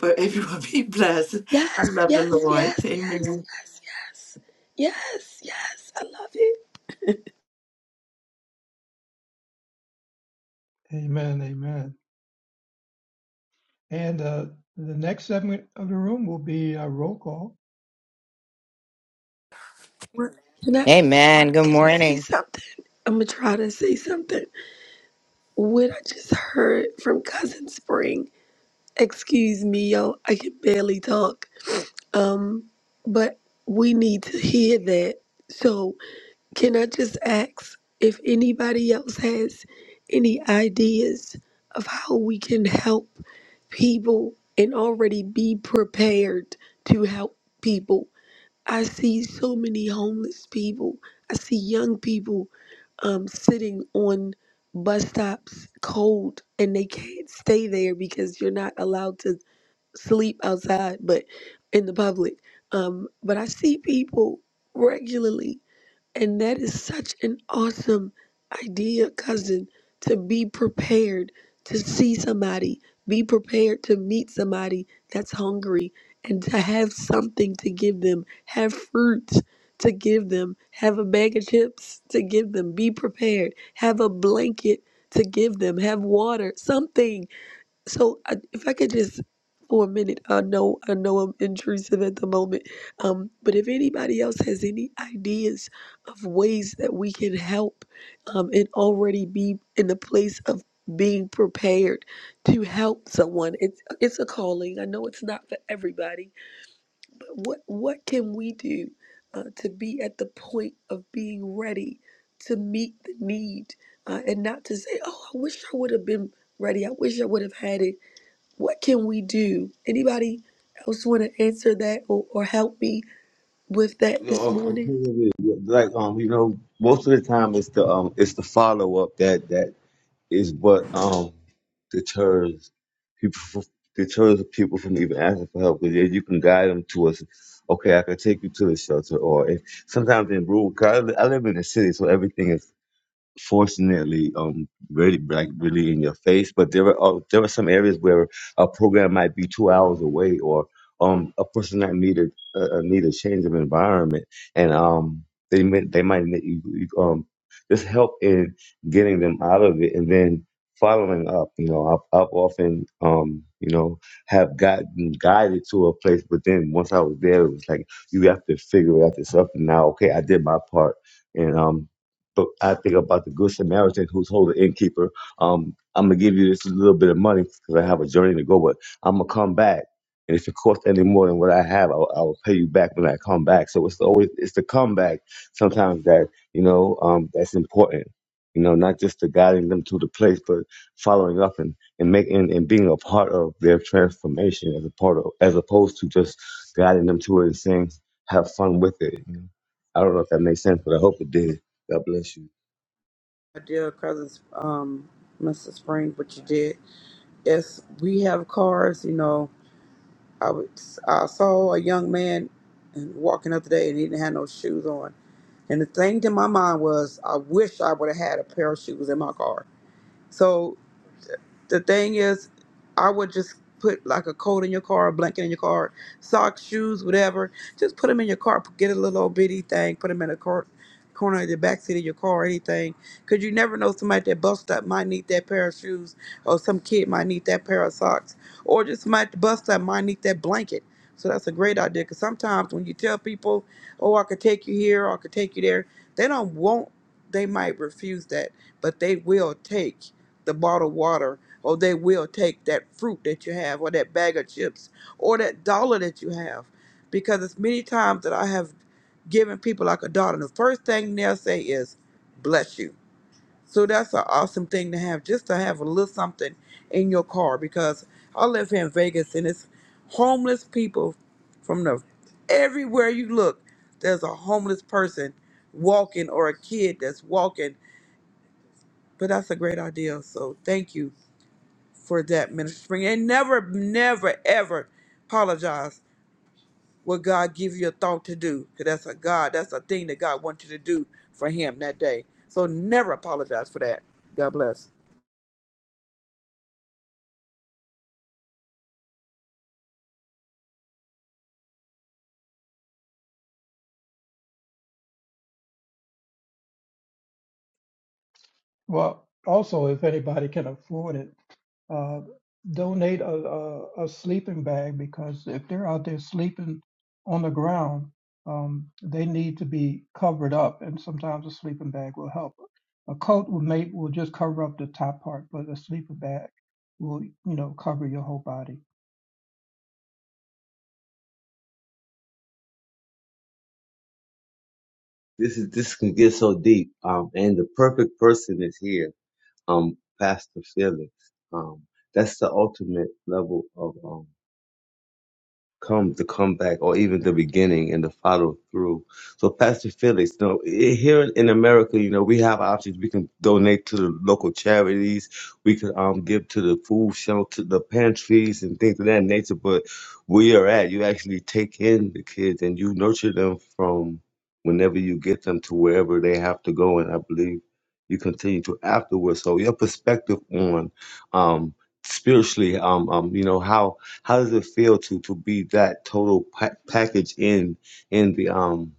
Speaker 8: But everyone be blessed. I
Speaker 10: Yes,
Speaker 8: love the
Speaker 10: yes,
Speaker 8: Lord.
Speaker 10: yes, yes,
Speaker 8: Amen.
Speaker 10: yes, yes, yes, yes. I love it.
Speaker 1: Amen, amen. And uh, the next segment of the room will be uh, roll call.
Speaker 10: What- Can I
Speaker 3: Amen. Good
Speaker 10: can I say
Speaker 3: morning.
Speaker 10: something? I'm gonna try to say something. What I just heard from Cousin Spring, excuse me, yo, I can barely talk. Um, but we need to hear that. So, can I just ask if anybody else has any ideas of how we can help people and already be prepared to help people? I see so many homeless people. I see young people um, sitting on bus stops cold and they can't stay there because you're not allowed to sleep outside, but in the public. Um, but I see people regularly and that is such an awesome idea, cousin, to be prepared to see somebody, be prepared to meet somebody that's hungry and to have something to give them, have fruit to give them, have a bag of chips to give them, be prepared, have a blanket to give them, have water, something. So I, if I could just for a minute, I know I know I'm intrusive at the moment, um, but if anybody else has any ideas of ways that we can help um, and already be in the place of being prepared to help someone, it's it's a calling. I know it's not for everybody, but what what can we do uh, to be at the point of being ready to meet the need uh, and not to say, oh, I wish I would have been ready. I wish I would have had it what can we do? Anybody else want to answer that or, or help me with that
Speaker 4: You
Speaker 10: this
Speaker 4: know, I'm-
Speaker 10: morning?
Speaker 4: telling you, Like um, you know, most of the time it's the um, it's the follow up that that is what um deters people from, deters people from even asking for help. Because you can guide them to us. Okay, I can take you to the shelter, or if sometimes in rural. Cause I, li- I live in the city, so everything is fortunately um really like really in your face but there are uh, there are some areas where a program might be two hours away or um a person that needed uh, uh, need a change of environment and um they might they might need you, you, um just help in getting them out of it and then following up you know I've, I've often um you know have gotten guided to a place but then once i was there it was like you have to figure it out yourself and now okay i did my part and um but I think about the Good Samaritan who's holding the innkeeper. Um, I'm gonna give you this little bit of money because I have a journey to go, but I'm gonna come back. And if it costs any more than what I have, I will, I will pay you back when I come back. So it's always it's the comeback sometimes that you know um, that's important. You know, not just the guiding them to the place, but following up and and making and being a part of their transformation as a part of as opposed to just guiding them to it and saying have fun with it. I don't know if that makes sense, but I hope it did. God bless you.
Speaker 2: My dear cousins, um, Mr. Spring, what you did. Yes, we have cars, you know. I, was I saw a young man and walking up today and he didn't have no shoes on. And the thing to my mind was, I wish I would have had a pair of shoes in my car. So the thing is, I would just put like a coat in your car, a blanket in your car, socks, shoes, whatever. Just put them in your car. Get a little old bitty thing. Put them in a cor- corner of the back seat of your car, or anything. Because you never know, somebody at that bus stop might need that pair of shoes, or some kid might need that pair of socks, or just somebody at the bus stop might need that blanket. So that's a great idea. Because sometimes when you tell people, "Oh, I could take you here, or I could take you there," they don't want. They might refuse that, but they will take the bottled water or they will take that fruit that you have or that bag of chips or that dollar that you have because it's many times that i have given people like a dollar and the first thing they'll say is bless you so that's an awesome thing to have just to have a little something in your car because i live here in vegas and it's homeless people from the everywhere you look there's a homeless person walking or a kid that's walking but that's a great idea so thank you for that, Minister Spring. And never, never, ever apologize what God give you a thought to do. Because that's a God, that's a thing that God wants you to do for him that day. So never apologize for that. God bless.
Speaker 1: Well, also, if anybody can afford it, uh, donate a, a, a sleeping bag because if they're out there sleeping on the ground, um, they need to be covered up, and sometimes a sleeping bag will help. A coat will make will just cover up the top part, but a sleeping bag will you know cover your whole body.
Speaker 4: This is this can get so deep. Um, and the perfect person is here. Um, Pastor Felix. Um, that's the ultimate level of um come the comeback or even the beginning and the follow through. So Pastor Felix, you know, i- here in America, you know, we have options. We can donate to the local charities. We could um give to the food shelter, the pantries and things of that nature. But where you're at, you actually take in the kids and you nurture them from whenever you get them to wherever they have to go. And I believe you continue to afterwards. So your perspective on um spiritually um um you know how how does it feel to to be that total pa- package in in the um?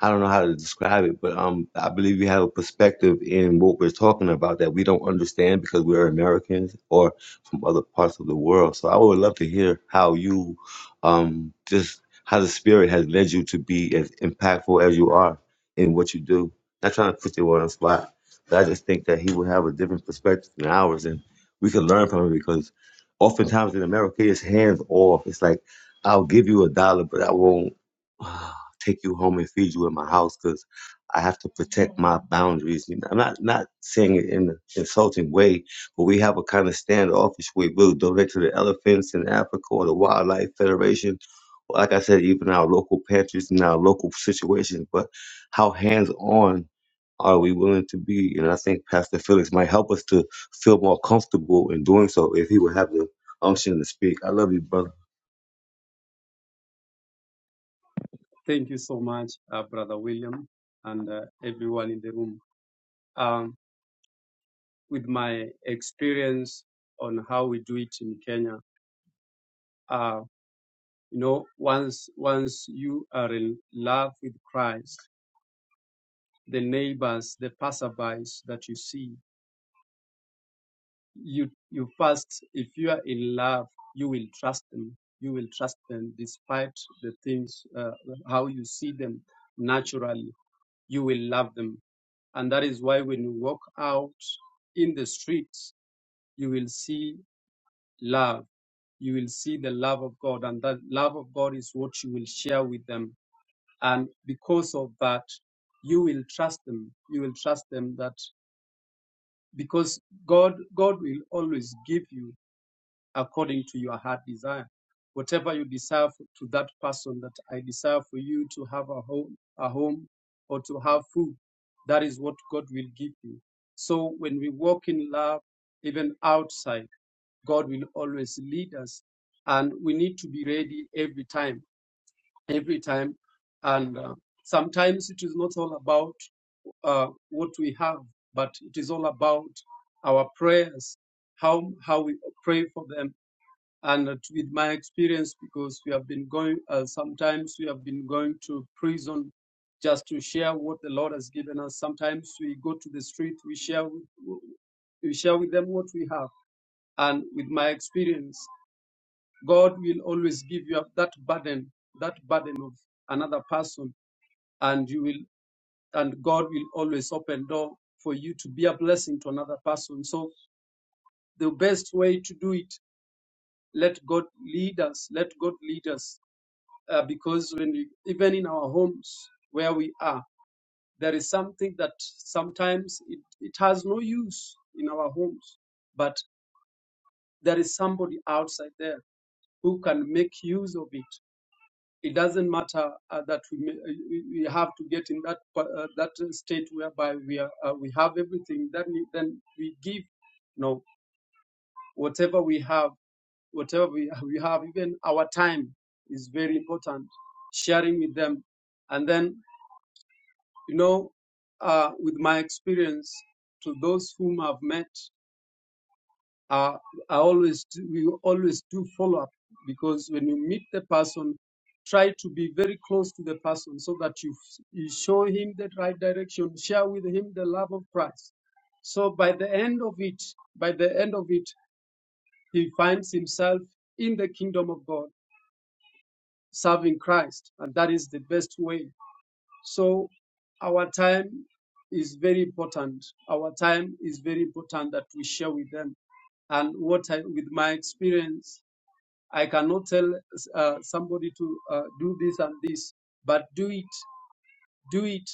Speaker 4: I don't know how to describe it, but um, I believe you have a perspective in what we're talking about that we don't understand because we're Americans or from other parts of the world. So I would love to hear how you, um, just how the spirit has led you to be as impactful as you are in what you do. Not trying to put you on the spot, but I just think that he would have a different perspective than ours, and we can learn from him because Oftentimes in America, it's hands off. It's like, I'll give you a dollar, but I won't uh, take you home and feed you in my house because I have to protect my boundaries. You know, I'm not, not saying it in an insulting way, but we have a kind of standoffish way. We'll donate to the elephants in Africa or the Wildlife Federation. Like I said, even our local pantries and our local situations, but how hands on are we willing to be? And I think Pastor Felix might help us to feel more comfortable in doing so if he would have the unction to speak. I love you, brother.
Speaker 11: Thank you so much, uh, Brother William, and uh, everyone in the room. Um, with my experience on how we do it in Kenya, uh, you know, once once you are in love with Christ, the neighbors, the passerbys that you see, you you first, if you are in love, you will trust them. You will trust them despite the things, uh, how you see them naturally. You will love them And that is why when you walk out in the streets, you will see love. You will see the love of God. And that love of God is what you will share with them. And because of that, you will trust them. You will trust them that because God, God will always give you according to your heart desire. Whatever you desire to that person that I desire for you to have a home, a home or to have food, that is what God will give you. So when we walk in love, even outside, God will always lead us. And we need to be ready every time, every time. And uh, sometimes it is not all about uh, what we have, but it is all about our prayers, how, how we pray for them, and with my experience because we have been going uh, sometimes we have been going to prison just to share what the lord has given us sometimes we go to the street we share with, we share with them what we have and with my experience god will always give you that burden that burden of another person and you will and god will always open door for you to be a blessing to another person so the best way to do it let god lead us let god lead us uh, because when we, even in our homes where we are, there is something that sometimes it, it has no use in our homes, but there is somebody outside there who can make use of it. It doesn't matter uh, that we, may, uh, we we have to get in that pa- uh, that state whereby we are, uh, we have everything. Then we, then we give, you know, whatever we have whatever we, we have, even our time is very important, sharing with them. And then You know, uh, with my experience, to those whom I've met, uh, I always do, we always do follow up because when you meet the person, try to be very close to the person so that you, you show him the right direction, share with him the love of Christ. So by the end of it, by the end of it, he finds himself in the kingdom of God, serving Christ, and that is the best way So our time is very important. Our time is very important that we share with them. And what I, with my experience, I cannot tell uh, somebody to uh, do this and this, but do it, do it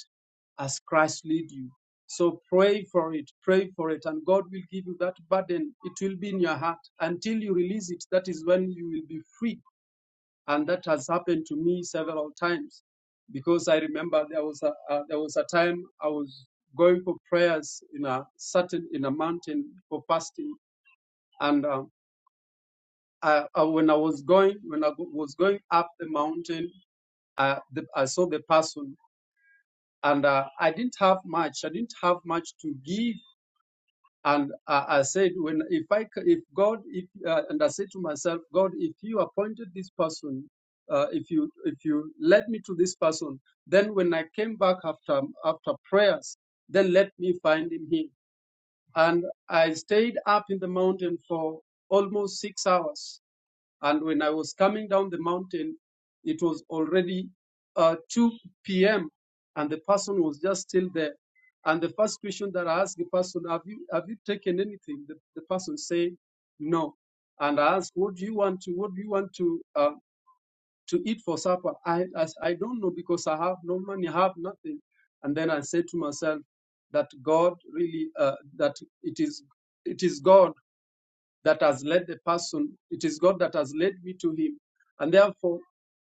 Speaker 11: as Christ lead you. So pray for it, pray for it, and God will give you that burden. It will be in your heart until you release it. That is when you will be free and that has happened to me several times because I remember there was a uh, there was a time I was going for prayers in a certain in a mountain for fasting, and um, I, I, when I was going when I go- was going up the mountain, uh, the, I saw the person, and uh, I didn't have much. I didn't have much to give And uh, I said, when if I c- if God if uh, and I said to myself, God, if you appointed this person, uh, if you if you led me to this person, then when I came back after after prayers, then let me find him here. And I stayed up in the mountain for almost six hours. And when I was coming down the mountain, it was already uh, 2 p.m. and the person was just still there. And the first question that I asked the person, have you, have you taken anything? The, the person said, no. And I asked, what do you want to, what do you want to, uh, to eat for supper. I, I, I don't know because I have no money, I have nothing. And then I said to myself that God really, uh, that it is, it is God that has led the person. It is God that has led me to Him. And therefore,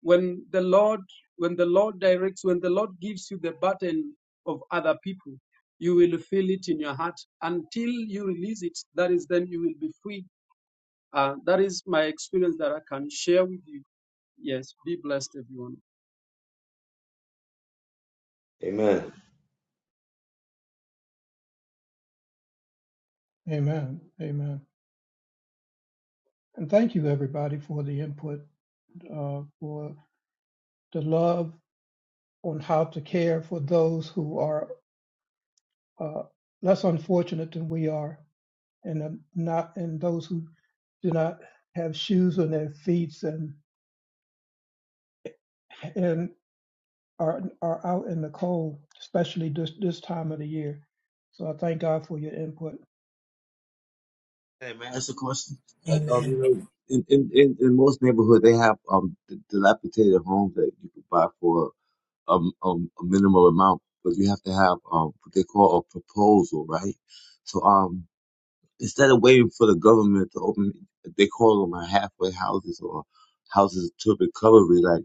Speaker 11: when the Lord, when the Lord directs, when the Lord gives you the burden of other people, you will feel it in your heart until you release it. That is, then you will be free. Uh, that is my experience that I can share with you. Yes, be blessed, everyone.
Speaker 4: Amen.
Speaker 1: Amen. Amen. And thank you everybody for the input, uh, for the love on how to care for those who are uh, less unfortunate than we are, and um, not and those who do not have shoes on their feet and and are are out in the cold, especially this this time of the year. So I thank God for your input.
Speaker 4: Hey man, that's a question. Like um, you
Speaker 5: Amen.
Speaker 4: know, in in in, in most neighborhood they have um d- dilapidated homes that you could buy for um um a minimal amount, but you have to have um what they call a proposal, right? So um instead of waiting for the government to open, they call them a halfway houses or houses to recovery. like,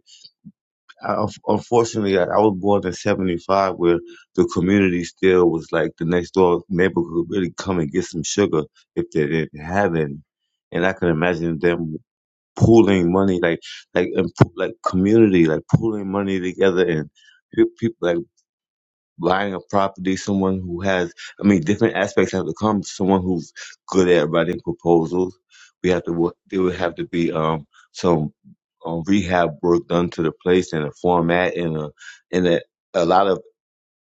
Speaker 4: I, unfortunately, I, I was born in '75, where the community still was like the next door neighbor could really come and get some sugar if they didn't have any, and I can imagine them pooling money like like and poo- like community like pooling money together and pe- people like buying a property, someone who has, I mean, different aspects have to come. Someone who's good at writing proposals. We have to, wo- there would have to be um, some um, rehab work done to the place and a format and a, and a, a lot of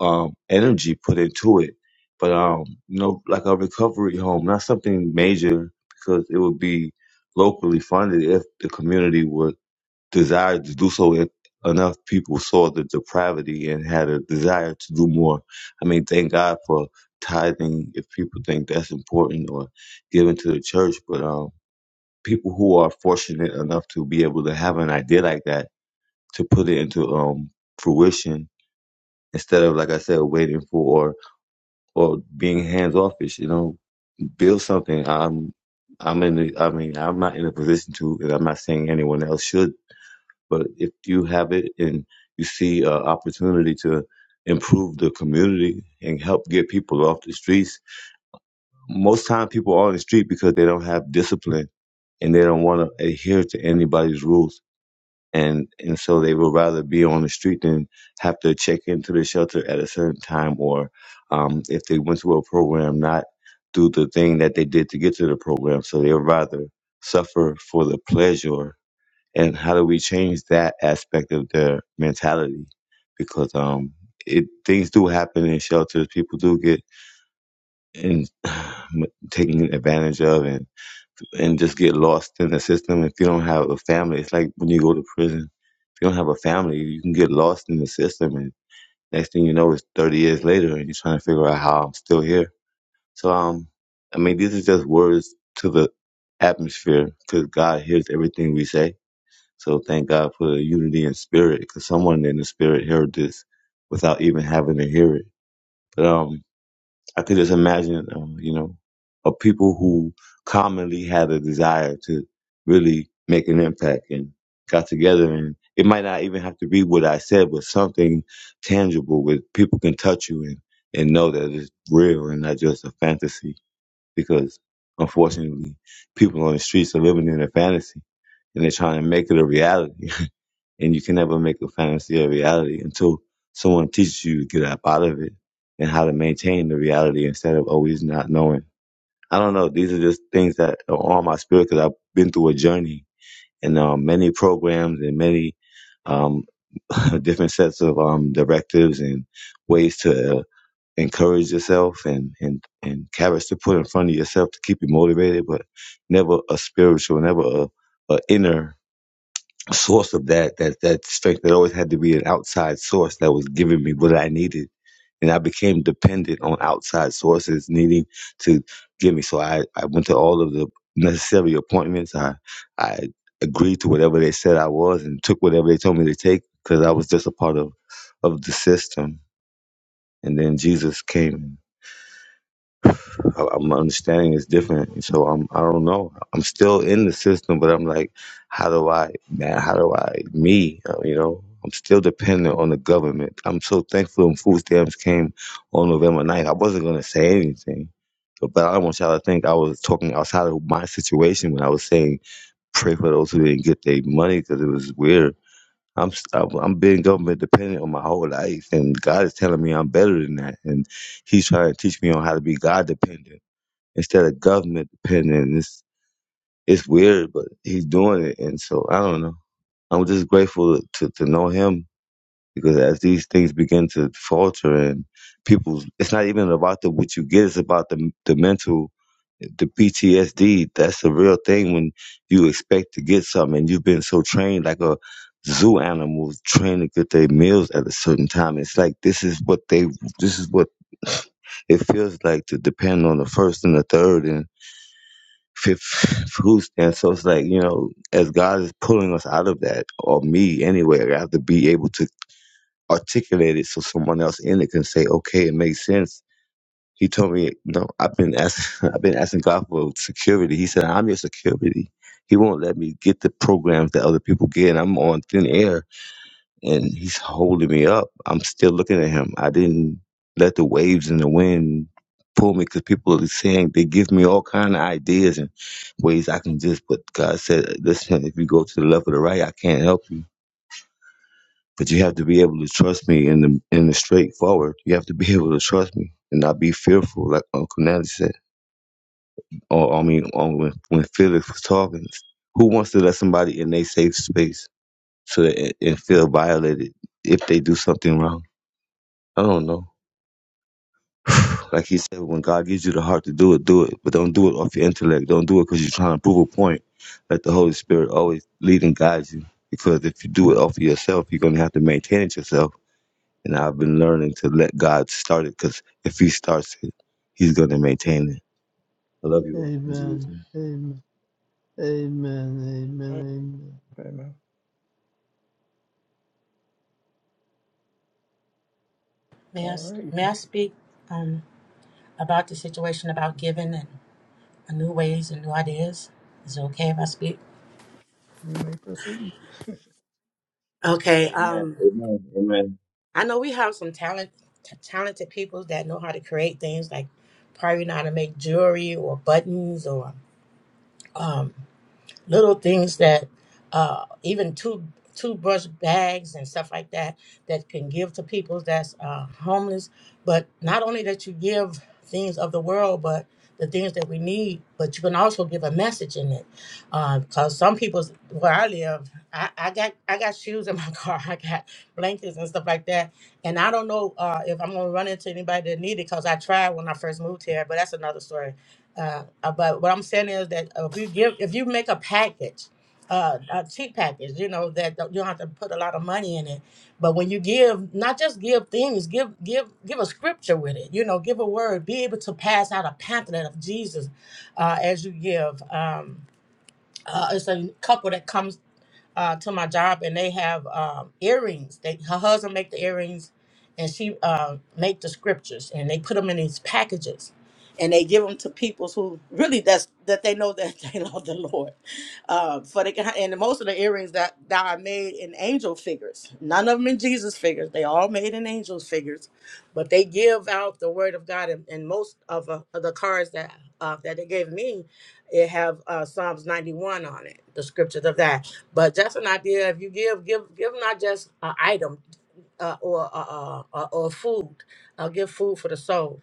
Speaker 4: um, energy put into it. But, um, you know, like a recovery home, not something major because it would be locally funded if the community would desire to do so if enough people saw the depravity and had a desire to do more. I mean, thank God for tithing if people think that's important or giving to the church, but um, people who are fortunate enough to be able to have an idea like that to put it into um fruition instead of like I said waiting for or or being hands offish, you know, build something. I'm I'm in the, I mean, I'm not in a position to, and I'm not saying anyone else should but if you have it and you see an opportunity to improve the community and help get people off the streets, most times people are on the street because they don't have discipline and they don't want to adhere to anybody's rules. And and so they would rather be on the street than have to check into the shelter at a certain time, or um, if they went to a program, not do the thing that they did to get to the program. So they would rather suffer for the pleasure and how do we change that aspect of their mentality? Because um, it things do happen in shelters. People do get in, taken advantage of, and and just get lost in the system. If you don't have a family, it's like when you go to prison. If you don't have a family, you can get lost in the system, and next thing you know, it's thirty years later, and you're trying to figure out how I'm still here. So um, I mean, these are just words to the atmosphere because God hears everything we say so thank God for unity in spirit, because someone in the spirit heard this without even having to hear it. But um, I could just imagine, um, you know, of people who commonly had a desire to really make an impact and got together, and it might not even have to be what I said, but something tangible where people can touch you and and know that it's real and not just a fantasy. Because unfortunately, people on the streets are living in a fantasy and they're trying to make it a reality and you can never make a fantasy a reality until someone teaches you to get up out of it and how to maintain the reality instead of always not knowing. I don't know. These are just things that are on my spirit because I've been through a journey and um, many programs and many um, different sets of um, directives and ways to uh, encourage yourself and, and, and carrots to put in front of yourself to keep you motivated, but never a spiritual, never a, a inner source of that that that strength that always had to be an outside source that was giving me what I needed. And I became dependent on outside sources needing to give me. So I, I went to all of the necessary appointments. I I agreed to whatever they said I was and took whatever they told me to take because I was just a part of of the system. And then Jesus came. I, I- my understanding is different. So I'm I don't know. I'm still in the system, but I'm like, how do I man? How do I me? Uh, You know, I'm still dependent on the government. I'm so thankful when food stamps came on November 9th. I wasn't gonna say anything. But but I don't want y'all to think I was talking outside of my situation when I was saying pray for those who didn't get their money because it was weird. I'm s- I'm I'm being government dependent on my whole life, and God is telling me I'm better than that, and He's trying to teach me on how to be God dependent instead of government dependent. And It's it's weird, but he's doing it, and so I don't know. I'm just grateful to to know him because as these things begin to falter and people, it's not even about the what you get; it's about the the mental, the PTSD. That's the real thing when you expect to get something and you've been so trained like a zoo animal trained to get their meals at a certain time. It's like this is what they, this is what it feels like to depend on the first and the third and. fifth fruits. And so it's like, you know, as God is pulling us out of that, or me anyway, I have to be able to articulate it so someone else in it can say, okay, it makes sense. He told me, no, I've been asking, I've been asking God for security. He said, I'm your security. He won't let me get the programs that other people get. I'm on thin air and he's holding me up. I'm still looking at him. I didn't let the waves and the wind pull me because people are saying they give me all kind of ideas and ways I can just. But God said, listen, if you go to the left or the right, I can't help you. But you have to be able to trust me in the in the straightforward. You have to be able to trust me and not be fearful, like Uncle Natty said. Or I mean, on when when Felix was talking, who wants to let somebody in their safe space so that and feel violated if they do something wrong? I don't know. Like he said, when God gives you the heart to do it, do it. But don't do it off your intellect. Don't do it because you're trying to prove a point. Let the Holy Spirit always lead and guide you. Because if you do it off of yourself, you're going to have to maintain it yourself. And I've been learning to let God start it because if He starts it, He's going to maintain it. I love you all. In Jesus'
Speaker 12: Amen.
Speaker 4: name.
Speaker 12: Amen. Amen. Amen. Amen.
Speaker 1: Amen.
Speaker 5: May I?
Speaker 1: All right,
Speaker 5: may I speak um, about the situation about giving and new ways and new ideas? Is it okay if I speak?
Speaker 1: you may proceed.
Speaker 5: Okay.
Speaker 4: Amen.
Speaker 5: Um,
Speaker 4: Amen. Amen.
Speaker 5: I know we have some talent, t- talented people that know how to create things like probably know how to make jewelry or buttons or um. little things that uh, even two toothbrush bags and stuff like that that can give to people that's uh, homeless but not only that you give things of the world but the things that we need but you can also give a message in it Uh, because some people where i live I, I got i got shoes in my car i got blankets and stuff like that and i don't know uh, if i'm going to run into anybody that need it because i tried when i first moved here but that's another story uh, uh, but what I'm saying is that uh, if you give, if you make a package, uh, a cheap package, you know that don't- you don't have to put a lot of money in it. But when you give, not just give things, give give give a scripture with it. You know, give a word. Be able to pass out a pamphlet of Jesus uh, as you give. Um, uh, it's a couple that comes uh, to my job, and they have um, earrings. They her husband make the earrings, and she uh, make the scriptures, and they put them in these packages, and they give them to people who really that's that they know that they love the Lord. Uh, for the and most of the earrings that that I made in angel figures, none of them in Jesus figures. They all made in angel figures, but they give out the word of God, and, and most of, uh, of the cards that uh, that they gave me, it have uh, Psalms ninety one on it, the scriptures of that but just an idea. If you give, give, give not just an item uh, or uh, uh, or food. Uh, give food for the soul.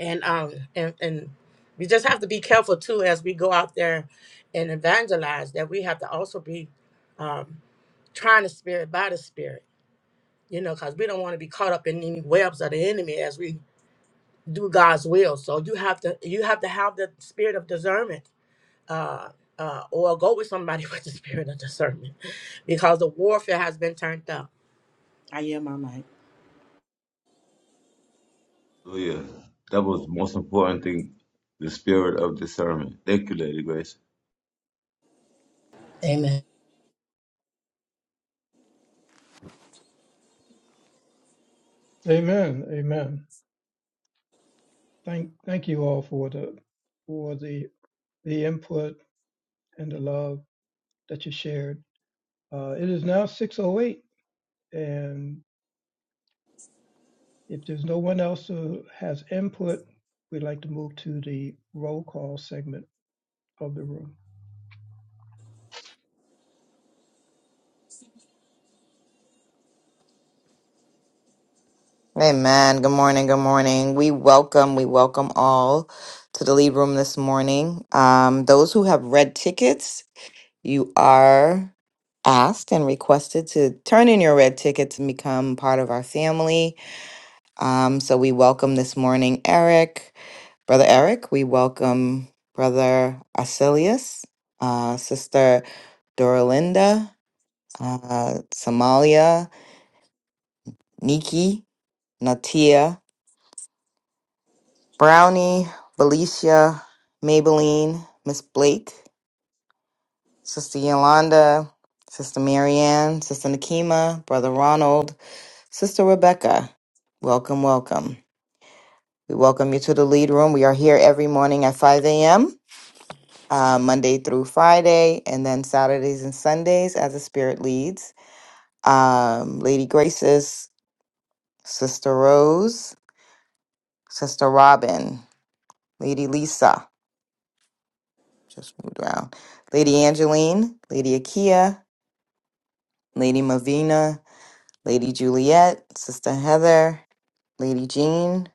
Speaker 5: And um and and we just have to be careful too as we go out there and evangelize that we have to also be um, trying the spirit by the spirit. You know, because we don't want to be caught up in any webs of the enemy as we do God's will. So you have to you have to have the spirit of discernment uh, uh, or go with somebody with the spirit of discernment because the warfare has been turned up. I hear my mic.
Speaker 4: Hallelujah. That was the most important thing the spirit of discernment. Thank you, Lady Grace.
Speaker 5: Amen.
Speaker 1: Amen. Amen. Thank thank you all for the for the the input and the love that you shared. Uh, it is now 6:08, and. If there's no one else who has input, we'd like to move to the roll call segment of the room.
Speaker 3: Amen. Good morning, good morning. We welcome, we welcome all to the lead room this morning. Um, those who have red tickets, you are asked and requested to turn in your red tickets and become part of our family. Um, so we welcome this morning Eric, Brother Eric. We welcome Brother Asilius, uh, Sister Doralinda, uh, Somalia. Nikki, Natia, Brownie, Felicia, Maybelline, Miss Blake, Sister Yolanda, Sister Marianne, Sister Nakima, Brother Ronald, Sister Rebecca. Welcome, welcome. We welcome you to the lead room. We are here every morning at 5 a.m., uh, Monday through Friday, and then Saturdays and Sundays as the Spirit leads. Um, Lady Graces, Sister Rose, Sister Robin, Lady Lisa. just moved around. Lady Angeline, Lady Akia, Lady Mavina, Lady Juliet, Sister Heather, Lady Jean,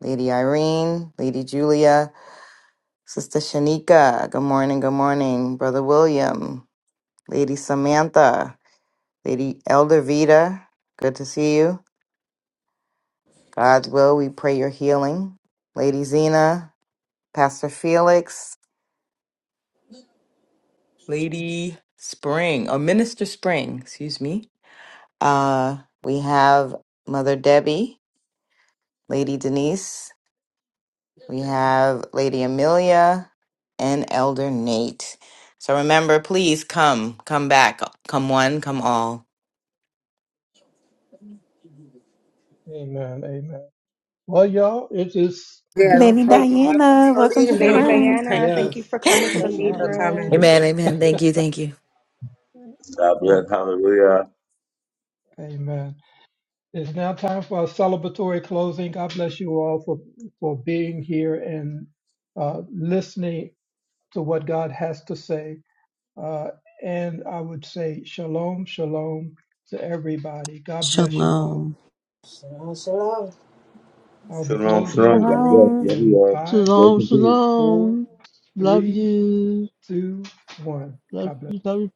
Speaker 3: Lady Irene, Lady Julia, Sister Shanika. Good morning, good morning, Brother William, Lady Samantha, Lady Elder Vita. Good to see you. God's will, we pray your healing. Lady Zena, Pastor Felix, Lady Spring, or Minister Spring, excuse me. Uh, we have Mother Debbie, Lady Denise, we have Lady Amelia, and Elder Nate. So remember, please come, come back, come one, come all.
Speaker 1: Amen. Amen. Well, y'all, it is
Speaker 5: Yes,
Speaker 1: now
Speaker 13: Lady
Speaker 1: time.
Speaker 5: thank you. welcome,
Speaker 13: Diana, welcome to the
Speaker 14: Lady
Speaker 5: Solita.
Speaker 13: room.
Speaker 14: Diana,
Speaker 5: thank you,
Speaker 14: thank you
Speaker 1: Yes.
Speaker 14: for coming to
Speaker 1: I'm
Speaker 14: the
Speaker 5: thank you
Speaker 14: lead
Speaker 5: for
Speaker 1: sorry. Thank
Speaker 5: coming.
Speaker 14: room.
Speaker 1: you.
Speaker 3: Amen. Amen. Thank you. Thank you.
Speaker 4: God
Speaker 1: Yes.
Speaker 4: bless. Hallelujah.
Speaker 1: Amen. It's now time for our celebratory closing. God bless you all for, for being here and uh, listening to what God has to say. Uh, and I would say shalom, shalom to everybody. God bless you all.
Speaker 15: Shalom.
Speaker 5: Shalom, shalom.
Speaker 1: I'll be
Speaker 4: Shalom,
Speaker 1: closing
Speaker 4: shalom.
Speaker 1: the
Speaker 4: God bless.
Speaker 1: room
Speaker 13: Shalom.
Speaker 4: Love you
Speaker 1: in
Speaker 4: all.
Speaker 1: five,
Speaker 4: Grace
Speaker 12: Shalom.
Speaker 4: and peace.
Speaker 1: four,
Speaker 12: Shalom. Love
Speaker 1: three,
Speaker 12: you.
Speaker 1: two, one.
Speaker 12: Love
Speaker 1: God bless.
Speaker 12: you. Love you.